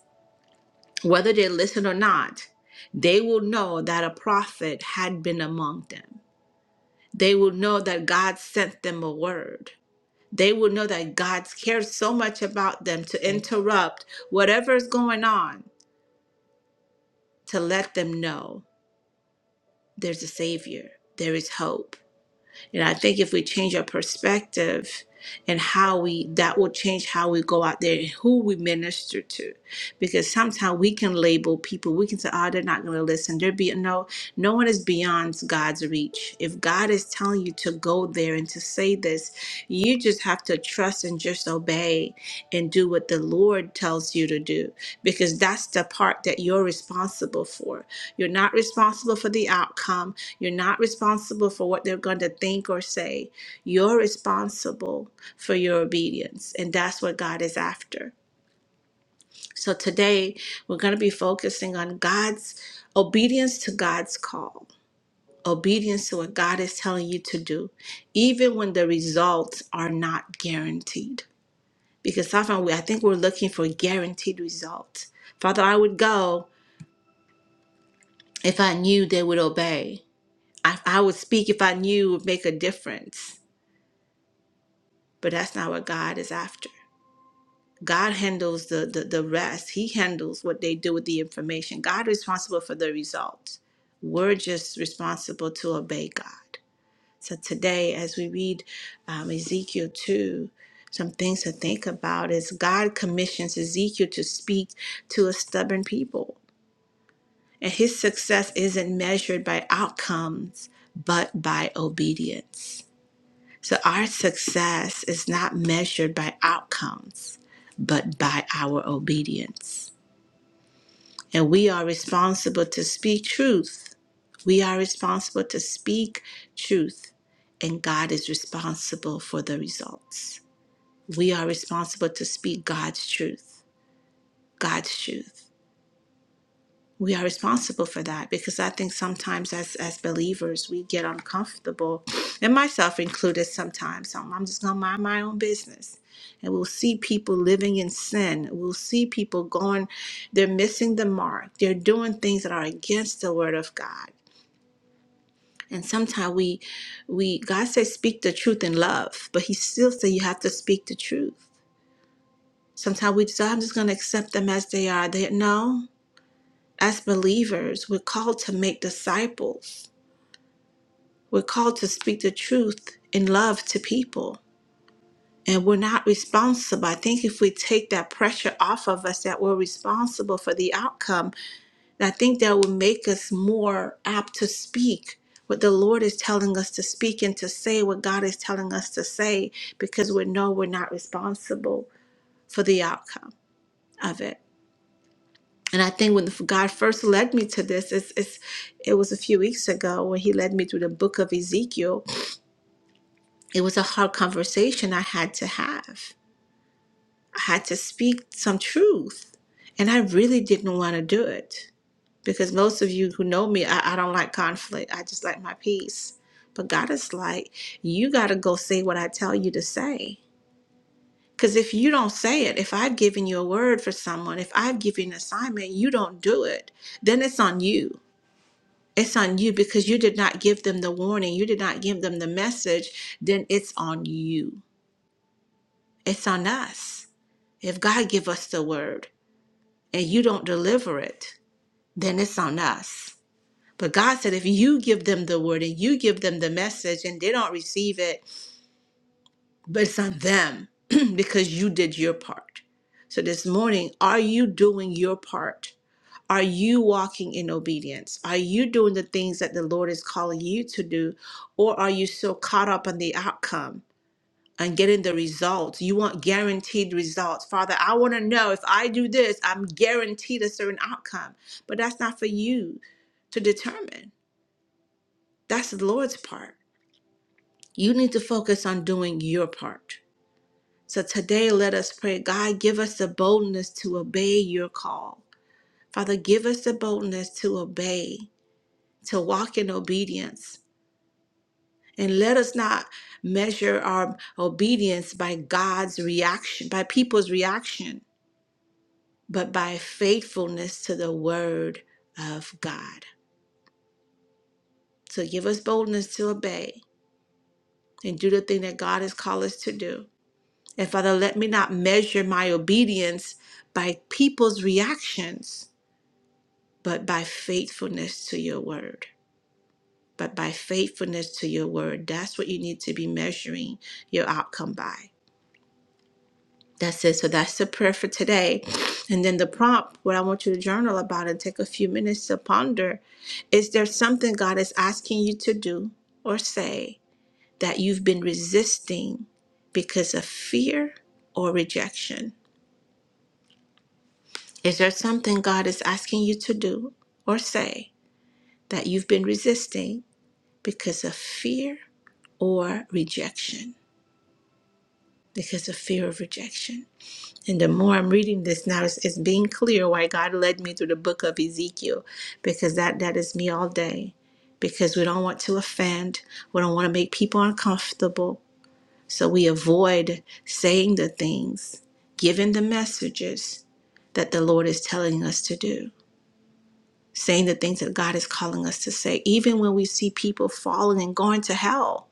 Speaker 1: whether they listen or not, they will know that a prophet had been among them. They will know that God sent them a word. They will know that God cares so much about them to interrupt whatever is going on to let them know there's a Savior, there is hope And I think if we change our perspective and how we, that will change how we go out there and who we minister to. Because sometimes we can label people, we can say, oh, they're not going to listen. They're be no, no one is beyond God's reach. If God is telling you to go there and to say this, you just have to trust and just obey and do what the Lord tells you to do. Because that's the part that you're responsible for. You're not responsible for the outcome. You're not responsible for what they're going to think or say. You're responsible for your obedience, and that's what God is after. So today, we're going to be focusing on God's obedience to God's call, obedience to what God is telling you to do, even when the results are not guaranteed. Because often we, I think we're looking for guaranteed results. Father, I would go if I knew they would obey. I, I would speak if I knew it would make a difference. but that's not what God is after. God handles the, the the rest. He handles what they do with the information. God is responsible for the results. We're just responsible to obey God. So today, as we read um, Ezekiel two, some things to think about is God commissions Ezekiel to speak to a stubborn people, and his success isn't measured by outcomes but by obedience. So our success is not measured by outcomes, but by our obedience. And we are responsible to speak truth. We are responsible to speak truth, and God is responsible for the results. We are responsible to speak God's truth, God's truth. we are responsible for that because I think sometimes as as believers we get uncomfortable, and myself included. Sometimes so I'm just gonna mind my own business, and we'll see people living in sin. We'll see people going, they're missing the mark. They're doing things that are against the word of God. And sometimes we, we God says speak the truth in love, but He still says you have to speak the truth. Sometimes we just I'm just gonna accept them as they are. They no. As believers, we're called to make disciples. We're called to speak the truth in love to people. And we're not responsible. I think if we take that pressure off of us that we're responsible for the outcome, I think that will make us more apt to speak what the Lord is telling us to speak and to say what God is telling us to say because we know we're not responsible for the outcome of it. And I think when God first led me to this, it's, it's, it was a few weeks ago when He led me through the book of Ezekiel. It was a hard conversation I had to have. I had to speak some truth. And I really didn't want to do it because most of you who know me, I, I don't like conflict. I just like my peace. But God is like, you got to go say what I tell you to say. Because if you don't say it, if I've given you a word for someone, if I've given you an assignment, you don't do it, then it's on you it's on you because you did not give them the warning, you did not give them the message, then it's on you. It's on us. If God give us the word and you don't deliver it, then it's on us. But God said if you give them the word and you give them the message and they don't receive it, but it's on them because you did your part. So this morning, are you doing your part? Are you walking in obedience? Are you doing the things that the Lord is calling you to do? Or are you so caught up on the outcome and getting the results? You want guaranteed results. Father, I want to know if I do this, I'm guaranteed a certain outcome. But that's not for you to determine. That's the Lord's part. You need to focus on doing your part. So today, let us pray God, give us the boldness to obey your call. Father, give us the boldness to obey. to walk in obedience. And let us not measure our obedience by God's reaction, by people's reaction, but by faithfulness to the word of God. So give us boldness to obey and do the thing that God has called us to do. And Father, let me not measure my obedience by people's reactions, but by faithfulness to your word. But by faithfulness to your word. That's what you need to be measuring your outcome by. That's it. So that's the prayer for today. And then the prompt, what I want you to journal about and take a few minutes to ponder is there something God is asking you to do or say that you've been resisting because of fear or rejection? Is there something God is asking you to do or say that you've been resisting because of fear or rejection? Because of fear of rejection. And the more I'm reading this now, it's, it's being clear why God led me through the book of Ezekiel, because that that is me all day. Because we don't want to offend, we don't want to make people uncomfortable, so we avoid saying the things, giving the messages that the Lord is telling us to do, saying the things that God is calling us to say, even when we see people falling and going to hell.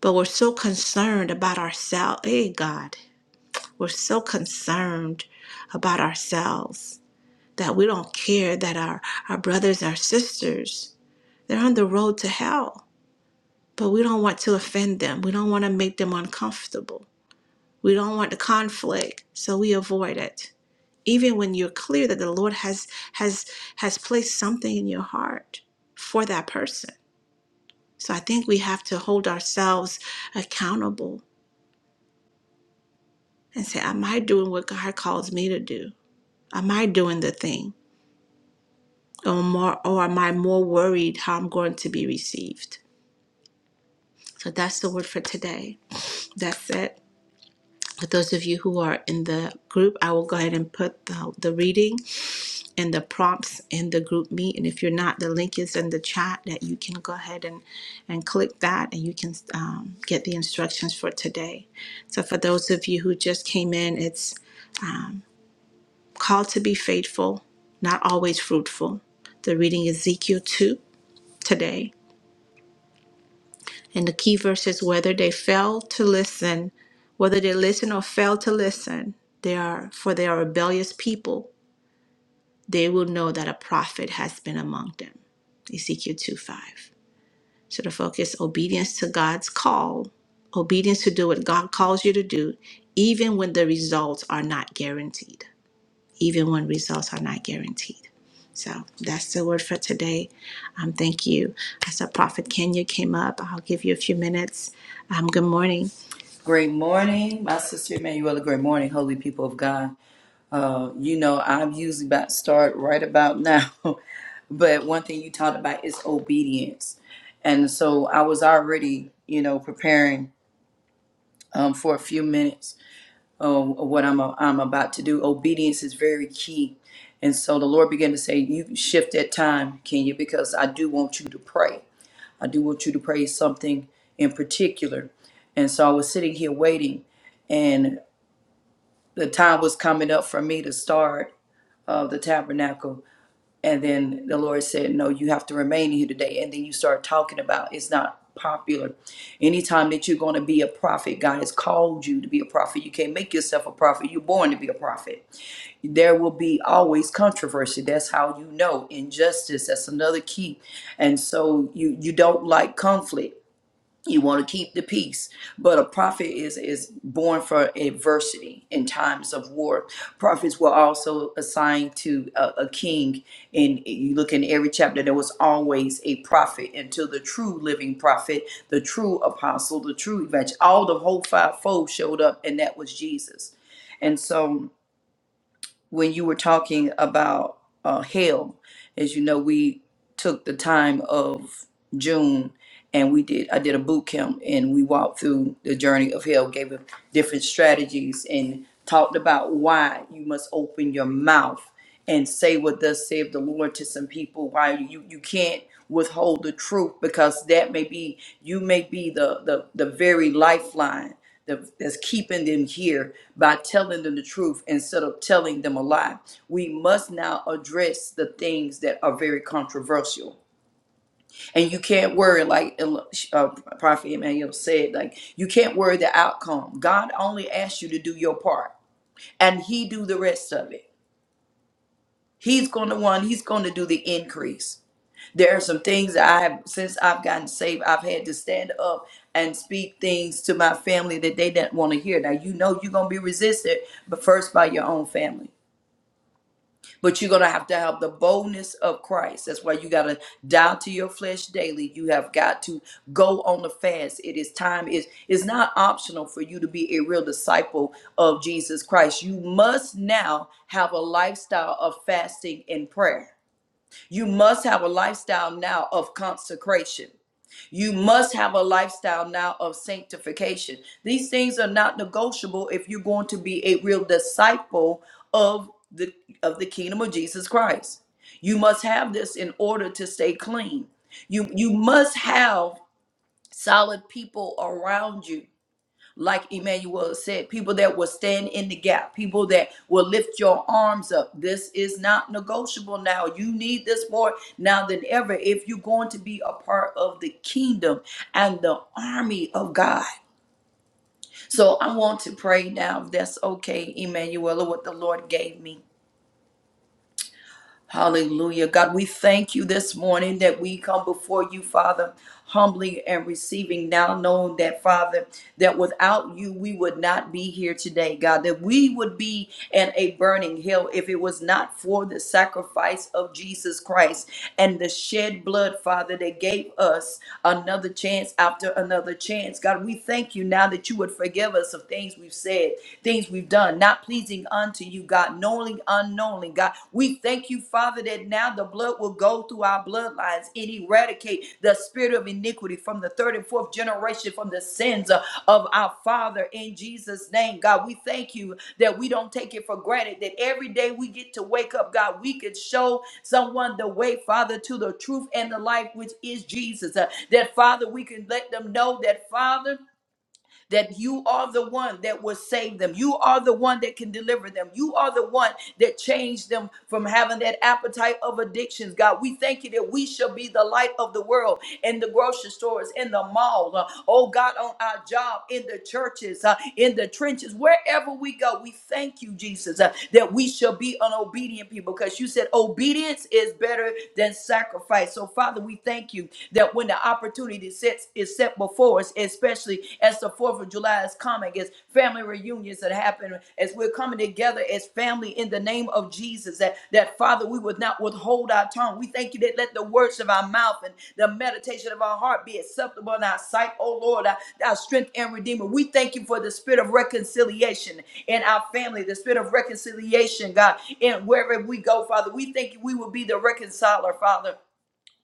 Speaker 1: But we're so concerned about ourselves. Hey, God. We're so concerned about ourselves that we don't care that our, our brothers, our sisters, they're on the road to hell. But we don't want to offend them. We don't want to make them uncomfortable. We don't want the conflict, so we avoid it. Even when you're clear that the Lord has has has placed something in your heart for that person. So I think we have to hold ourselves accountable and say, Am I doing what God calls me to do? Am I doing the thing? or more or am I more worried how I'm going to be received? So that's the word for today. That's it. For those of you who are in the group, I will go ahead and put the, the reading and the prompts in the group meet. And if you're not, the link is in the chat that you can go ahead and, and click that and you can um, get the instructions for today. So for those of you who just came in, it's um, called to be faithful, not always fruitful. The reading is Ezekiel 2 today And the key verse is whether they fail to listen, whether they listen or fail to listen, they are for they are rebellious people, they will know that a prophet has been among them. Ezekiel 2 5. So the focus obedience to God's call, obedience to do what God calls you to do, even when the results are not guaranteed even when results are not guaranteed. So that's the word for today. Um, thank you. I saw Prophet Kenya came up. I'll give you a few minutes. Um, good morning.
Speaker 5: Great morning, my sister Emanuela. Great morning, holy people of God. Uh, you know, I'm usually about to start right about now, but one thing you talked about is obedience. And so I was already, you know, preparing um, for a few minutes of what I'm, I'm about to do. Obedience is very key. And so the Lord began to say, You shift that time, Kenya, because I do want you to pray. I do want you to pray something in particular. And so I was sitting here waiting. and the time was coming up for me to start uh, the tabernacle. And then the Lord said, No, you have to remain here today. And then you start talking about it's not popular. Anytime that you're going to be a prophet, God has called you to be a prophet. You can't make yourself a prophet. You're born to be a prophet. There will be always controversy. That's how you know injustice. That's another key. And so you you don't like conflict you want to keep the peace but a prophet is is born for adversity in times of war prophets were also assigned to a, a king and you look in every chapter there was always a prophet until the true living prophet the true apostle the true evangel all the whole fivefold showed up and that was jesus and so when you were talking about uh, hell, as you know, we took the time of June and we did. I did a boot camp and we walked through the journey of hell, gave them different strategies and talked about why you must open your mouth and say what thus saith the Lord to some people. Why you you can't withhold the truth because that may be you may be the the the very lifeline the, that's keeping them here by telling them the truth instead of telling them a lie. We must now address the things that are very controversial. And you can't worry, like uh, Prophet Emmanuel said, like you can't worry the outcome. God only asks you to do your part, and He do the rest of it. He's going to one. He's going to do the increase there are some things that I have since I've gotten saved, I've had to stand up and speak things to my family that they didn't want to hear. Now you know you're gonna be resisted, but first by your own family. But you're gonna have to have the boldness of Christ. That's why you gotta die to your flesh daily. You have got to go on the fast. It is time, is it's not optional for you to be a real disciple of Jesus Christ. You must now have a lifestyle of fasting and prayer you must have a lifestyle now of consecration. You must have a lifestyle now of sanctification. These things are not negotiable if you're going to be a real disciple of the of the kingdom of Jesus Christ. You must have this in order to stay clean. You you must have solid people around you like Emmanuel said, people that will stand in the gap, people that will lift your arms up. This is not negotiable now. You need this more now than ever if you're going to be a part of the kingdom and the army of God. So I want to pray now, if that's okay, Emmanuel, what the Lord gave me. Hallelujah. God, we thank you this morning that we come before you, Father, humbly and receiving now, knowing that, Father, that without you, we would not be here today, God, that we would be in a burning hell if it was not for the sacrifice of Jesus Christ and the shed blood, Father, that gave us another chance after another chance. God, we thank you now that you would forgive us of things we've said, things we've done, not pleasing unto you, God, knowingly, unknowingly, God. We thank you, Father, that now the blood will go through our bloodlines and eradicate the spirit of iniquity from the third and fourth generation, from the sins of of our Father in Jesus' name, God. We thank you that we don't take it for granted, that every day we get to wake up, God, we could show someone the way, Father, to the truth and the life, which is Jesus. Uh, that, Father, we can let them know that, Father, that you are the one that will save them. You are the one that can deliver them. You are the one that changed them from having that appetite of addictions. God, we thank you that we shall be the light of the world in the grocery stores, in the mall, uh, oh God, on our job, in the churches, uh, in the trenches, wherever we go. We thank you, Jesus, uh, that we shall be an obedient people because you said obedience is better than than sacrifice. So, Father, we thank you that when the opportunity sets is set before us, especially as the Fourth of July is coming, as family reunions that happen, as we're coming together as family in the name of Jesus, that that Father, we would not withhold our tongue. We thank you that let the words of our mouth and the meditation of our heart be acceptable in our sight, O Lord, our, our strength and redeemer. We thank you for the spirit of reconciliation in our family, the spirit of reconciliation, God, and wherever we go, Father. We think we will be the reconciler, Father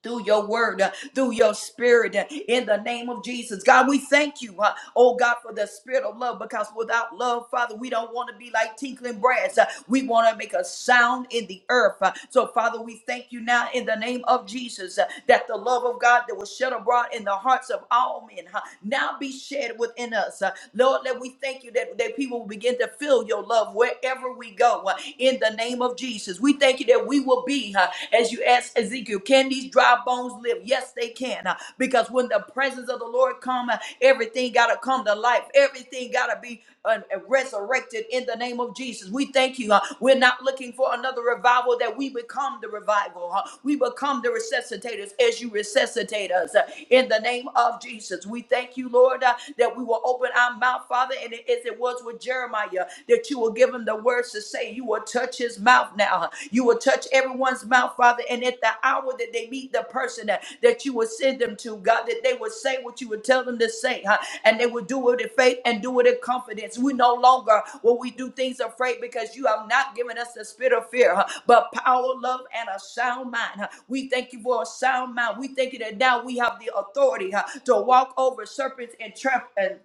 Speaker 5: through your word, uh, through your spirit, uh, in the name of Jesus. God, we thank you, uh, oh God, for the spirit of love, because without love, Father, we don't want to be like tinkling brass. Uh, we want to make a sound in the earth. Uh, so, Father, we thank you now in the name of Jesus uh, that the love of God that was shed abroad in the hearts of all men uh, now be shed within us. Uh, Lord, let we thank you that, that people will begin to feel your love wherever we go uh, in the name of Jesus. We we thank you that we will be, uh, as you asked Ezekiel, can these dry bones live? Yes, they can. uh, because when the presence of the Lord come, uh, everything got to come to life. Everything got to be uh, resurrected in the name of Jesus. We thank you. uh, we're not looking for another revival, that we become the revival. uh, we become the resuscitators as you resuscitate us uh, in the name of Jesus. We thank you, Lord, uh, that we will open our mouth, Father, and as it was with Jeremiah, that that you will give him the words to say. You will touch his mouth now. You will touch everyone's mouth, Father. And at the hour that they meet the person that, that you will send them to, God, that they will say what you would tell them to say, huh? and they will do it in faith and do it in confidence. We no longer will we do things afraid because you have not given us the spirit of fear, huh? but power, love, and a sound mind. huh? We thank you for a sound mind. We thank you that now we have the authority huh, to walk over serpents and tramp and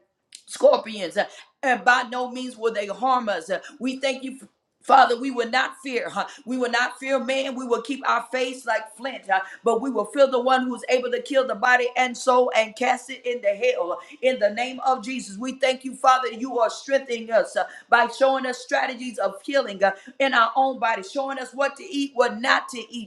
Speaker 5: scorpions. huh? and by no means will they harm us. We thank you. Father, we will not fear. huh? We will not fear man. We will keep our face like flint, huh? but we will fear the one who's able to kill the body and soul and cast it into hell. In the name of Jesus, we thank you, Father. You are strengthening us uh, by showing us strategies of healing uh, in our own body, showing us what to eat, what not to eat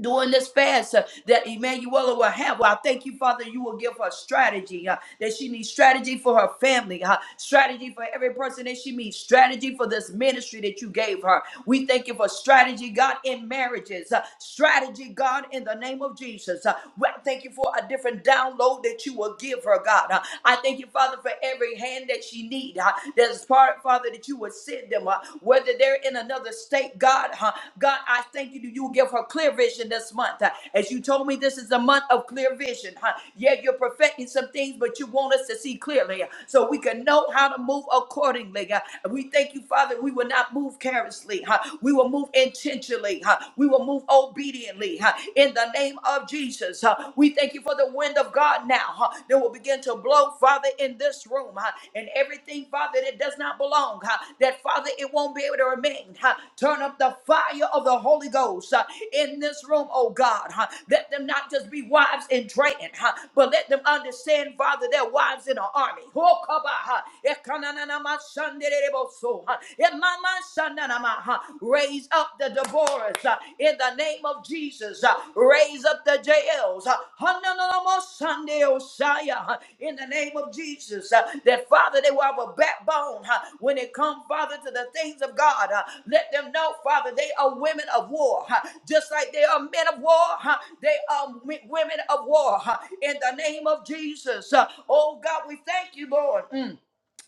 Speaker 5: during this fast uh, that Emanuela will have. Well, I thank you, Father, you will give her strategy, uh, that she needs strategy for her family, uh, strategy for every person that she meets, strategy for this ministry that you gave her. We thank you for strategy, God, in marriages, uh, strategy, God, in the name of Jesus. Uh, well, thank you for a different download that you will give her, God. Uh, I thank you, Father, for every hand that she needs. There's part, Father, Father, that you would send them, uh, whether they're in another state, God, huh? God, I thank you that you will give her clear vision this month. huh? As you told me, this is a month of clear vision, huh? Yeah, you're perfecting some things, but you want us to see clearly uh, so we can know how to move accordingly. uh, we thank you, Father, we will not move carelessly, huh? We will move intentionally, huh? We will move obediently, huh? In the name of Jesus, huh? We thank you for the wind of wind of God now huh, that will begin to blow, Father, in this room. huh, And everything, Father, that does not belong, huh, that, Father, it won't be able to remain. huh. Turn up the fire of the Holy Ghost huh, in this room, oh God. huh. Let them not just be wives in training, huh, but let them understand, Father, they're wives in an army. Oh, come on, huh. Ekananama shanderebo so, huh. Emama shananama, huh. Raise up up the Deborahs uh, in the name of Jesus. uh, Raise up the Jaels. uh, Hananamo Sunday Osiah, uh, In the name of Jesus. uh, That Father, they will have a backbone uh, when it comes, Father, to the things of God. uh, Let them know, Father, they are women of war. uh, Just like they are men of war, uh, they are w- women of war. uh, In the name of Jesus. uh, Oh God, we thank you, Lord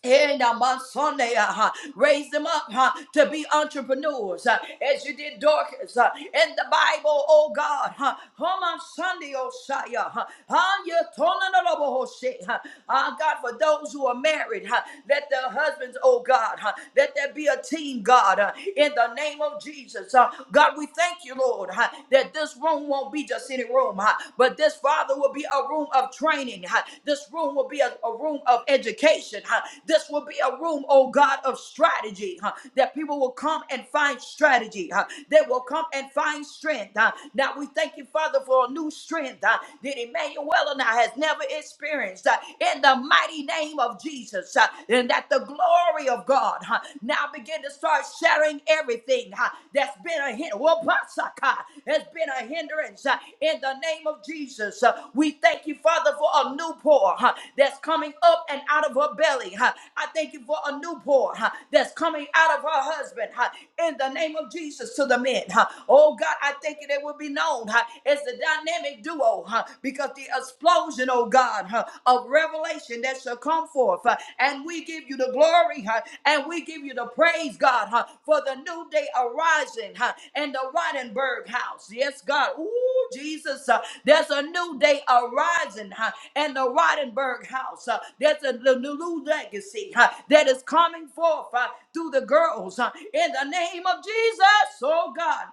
Speaker 5: and I'm on Sunday, uh, huh, raise them up huh, to be entrepreneurs uh, as you did Dorcas uh, in the Bible, oh God. Huh, come on Sunday, oh Shia. Huh, on your throne and the Lord, oh shit, huh. Uh, God, for those who are married, huh, let their husbands, oh God, huh, let there be a team, God, uh, in the name of Jesus. Uh, God, we thank you, Lord, huh, that this room won't be just any room room, huh? but this Father will be a room of training. huh? This room will be a, a room of education. huh? This will be a room, oh God, of strategy. huh? That people will come and find strategy. huh? They will come and find strength. huh? Now we thank you, Father, for a new strength huh? that Emmanuel and I has never experienced huh? in the mighty name of Jesus. huh? And that the glory of God huh? now begin to start shattering everything uh, that's been a hin- Wabasaka, has been a hindrance uh, in the name of Jesus. Uh, We thank you, Father, for a new pour uh, that's coming up and out of her belly. uh. I thank you for a new pour uh, that's coming out of her husband uh, in the name of Jesus to the men. uh. Oh God, I thank you that will be known uh, as the dynamic duo uh, because the explosion, oh God huh, of revelation that shall come forth. huh, and we give you the glory huh, and we give you the praise, God, huh, for the new day arising huh, in the Rodenberg house. Yes, God. Ooh, Jesus, uh, there's a new day arising huh, in the Rodenberg house. Uh, there's a the new legacy huh, that is coming forth huh, through the girls huh, in the name of Jesus. Oh, God.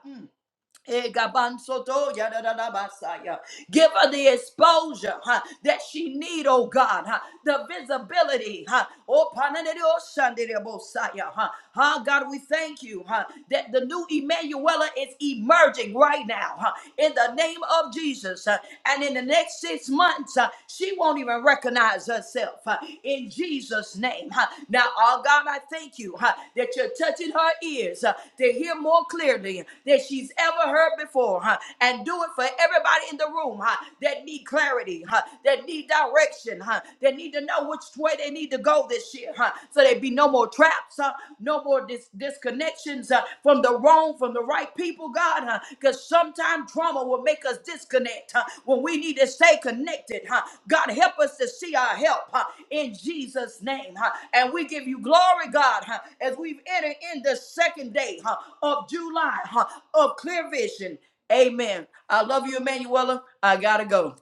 Speaker 5: Egabansoto yadadadabasaya. Give her the exposure huh, that she need, oh God, huh, the visibility. Huh. Oh, panadidoshandidabosaya, huh. Huh, God, we thank you huh, that the new Emmanuela is emerging right now huh, in the name of Jesus. huh. And in the next six months, huh, she won't even recognize recognize herself uh, in Jesus' name. huh. Now, oh God, I thank you huh, that you're touching her ears uh, to hear more clearly than she's ever heard before. huh, And do it for everybody in the room huh, that need clarity, huh, that need direction, huh, that need to know which way they need to go this year. huh, So there be no more traps, huh, no more dis- disconnections uh, from the wrong, from the right people, God, because sometimes trauma will make us disconnect huh, when we need to stay connected. huh. God, help us to see our help huh, in Jesus' name. huh. And we give you glory, God, huh, as we've entered in the second day huh, of July huh, of clear vision. Amen. I love you, Emanuela. I got to go.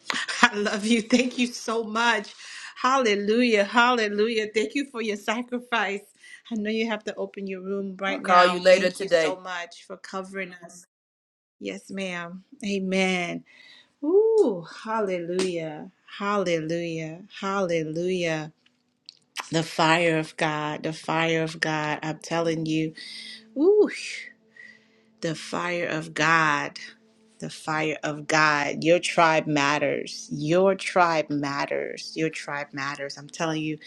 Speaker 1: I love you. Thank you so much. Hallelujah. Hallelujah. Thank you for your sacrifice. I know you have to open your room
Speaker 5: I'll
Speaker 1: right
Speaker 5: call you
Speaker 1: now.
Speaker 5: later
Speaker 1: Thank you
Speaker 5: today.
Speaker 1: so much for covering us. Yes, ma'am. Amen. Ooh, hallelujah. Hallelujah. Hallelujah. The fire of God, the fire of God. I'm telling you, ooh, the fire of God. The fire of God. Your tribe matters. Your tribe matters. Your tribe matters. I'm telling you,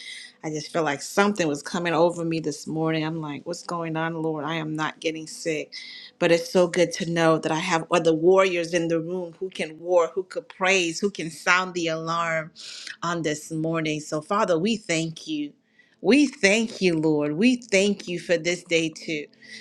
Speaker 1: I just feel like something was coming over me this morning. I'm like, what's going on, Lord? I am not getting sick. But it's so good to know that I have other warriors in the room who can war, who could praise, who can sound the alarm on this morning. So, Father, we thank you. We thank you, Lord. We thank you for this day too.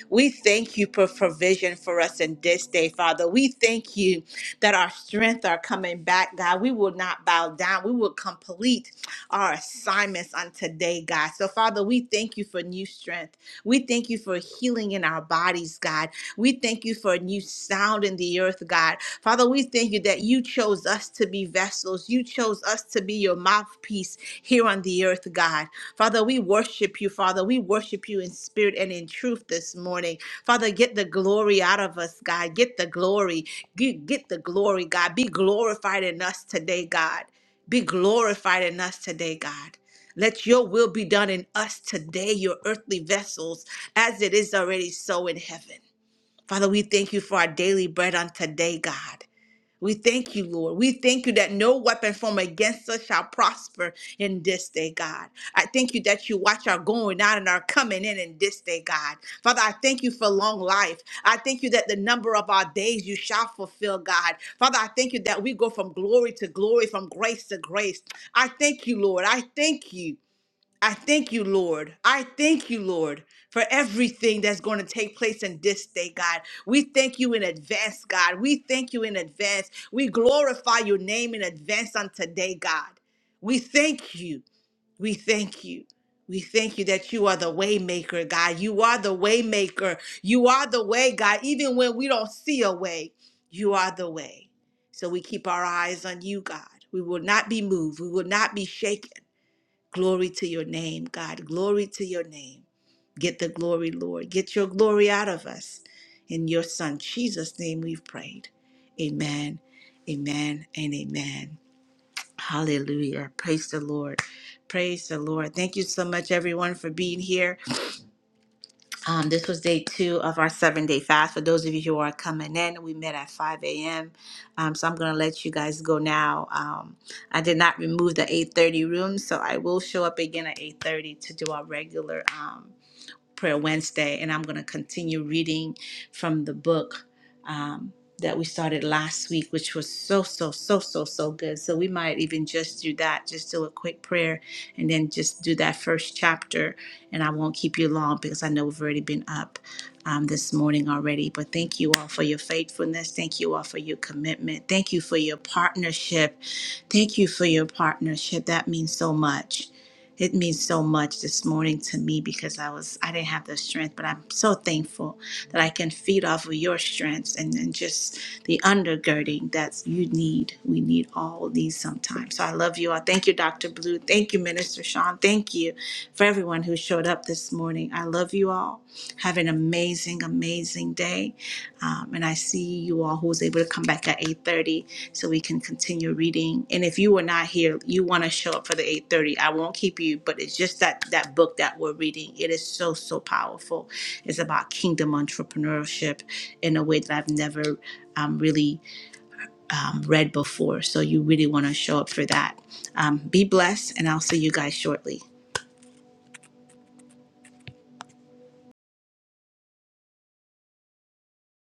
Speaker 1: We thank you for provision for us in this day, Father. We thank you that our strength are coming back, God. We will not bow down. We will complete our assignments on today, God. So, Father, we thank you for new strength. We thank you for healing in our bodies, God. We thank you for a new sound in the earth, God. Father, we thank you that you chose us to be vessels. You chose us to be your mouthpiece here on the earth, God. Father, we worship you, Father. We worship you in spirit and in truth this morning. Father, get the glory out of us, God. Get the glory. Get, get the glory, God. Be glorified in us today, God. Be glorified in us today, God. Let your will be done in us today, your earthly vessels, as it is already so in heaven. Father, we thank you for our daily bread on today, God. We thank you, Lord. We thank you that no weapon formed against us shall prosper in this day, God. I thank you that you watch our going out and our coming in in this day, God. Father, I thank you for long life. I thank you that the number of our days you shall fulfill, God. Father, I thank you that we go from glory to glory, from grace to grace. I thank you, Lord. I thank you. I thank you, Lord. I thank you, Lord, for everything that's going to take place in this day, God. We thank you in advance, God. We thank you in advance. We glorify your name in advance on today, God. We thank you. We thank you. We thank you that you are the waymaker, God. You are the waymaker. You are the way, God. Even when we don't see a way, you are the way. So we keep our eyes on you, God. We will not be moved. We will not be shaken. Glory to your name, God. Glory to your name. Get the glory, Lord. Get your glory out of us. In your Son, Jesus' name, we've prayed. Amen, amen, and amen. Hallelujah. Praise the Lord. Praise the Lord. Thank you so much, everyone, for being here. Um, this was day two of our seven day fast. For those of you who are coming in, we met at 5 a.m. Um, so I'm going to let you guys go now. Um, I did not remove the 8:30 room, so I will show up again at 8:30 to do our regular. Um, Prayer Wednesday, and I'm going to continue reading from the book um, that we started last week, which was so, so, so, so, so good. So we might even just do that, just do a quick prayer, and then just do that first chapter. And I won't keep you long because I know we've already been up um, this morning already. But thank you all for your faithfulness. Thank you all for your commitment. Thank you for your partnership. Thank you for your partnership. That means so much it means so much this morning to me because I was I didn't have the strength, but I'm so thankful that I can feed off of your strengths and, and just the undergirding that you need. We need all these sometimes. So I love you all. Thank you, Dr. Blue. Thank you, Minister Sean. Thank you for everyone who showed up this morning. I love you all. Have an amazing, amazing day um, and I see you all who was able to come back at 8:30 so we can continue reading. And if you were not here, you want to show up for the 8:30. I won't keep you, but it's just that that book that we're reading. It is so so powerful. It's about kingdom entrepreneurship in a way that I've never um, really um, read before. So you really want to show up for that. Um, be blessed, and I'll see you guys shortly.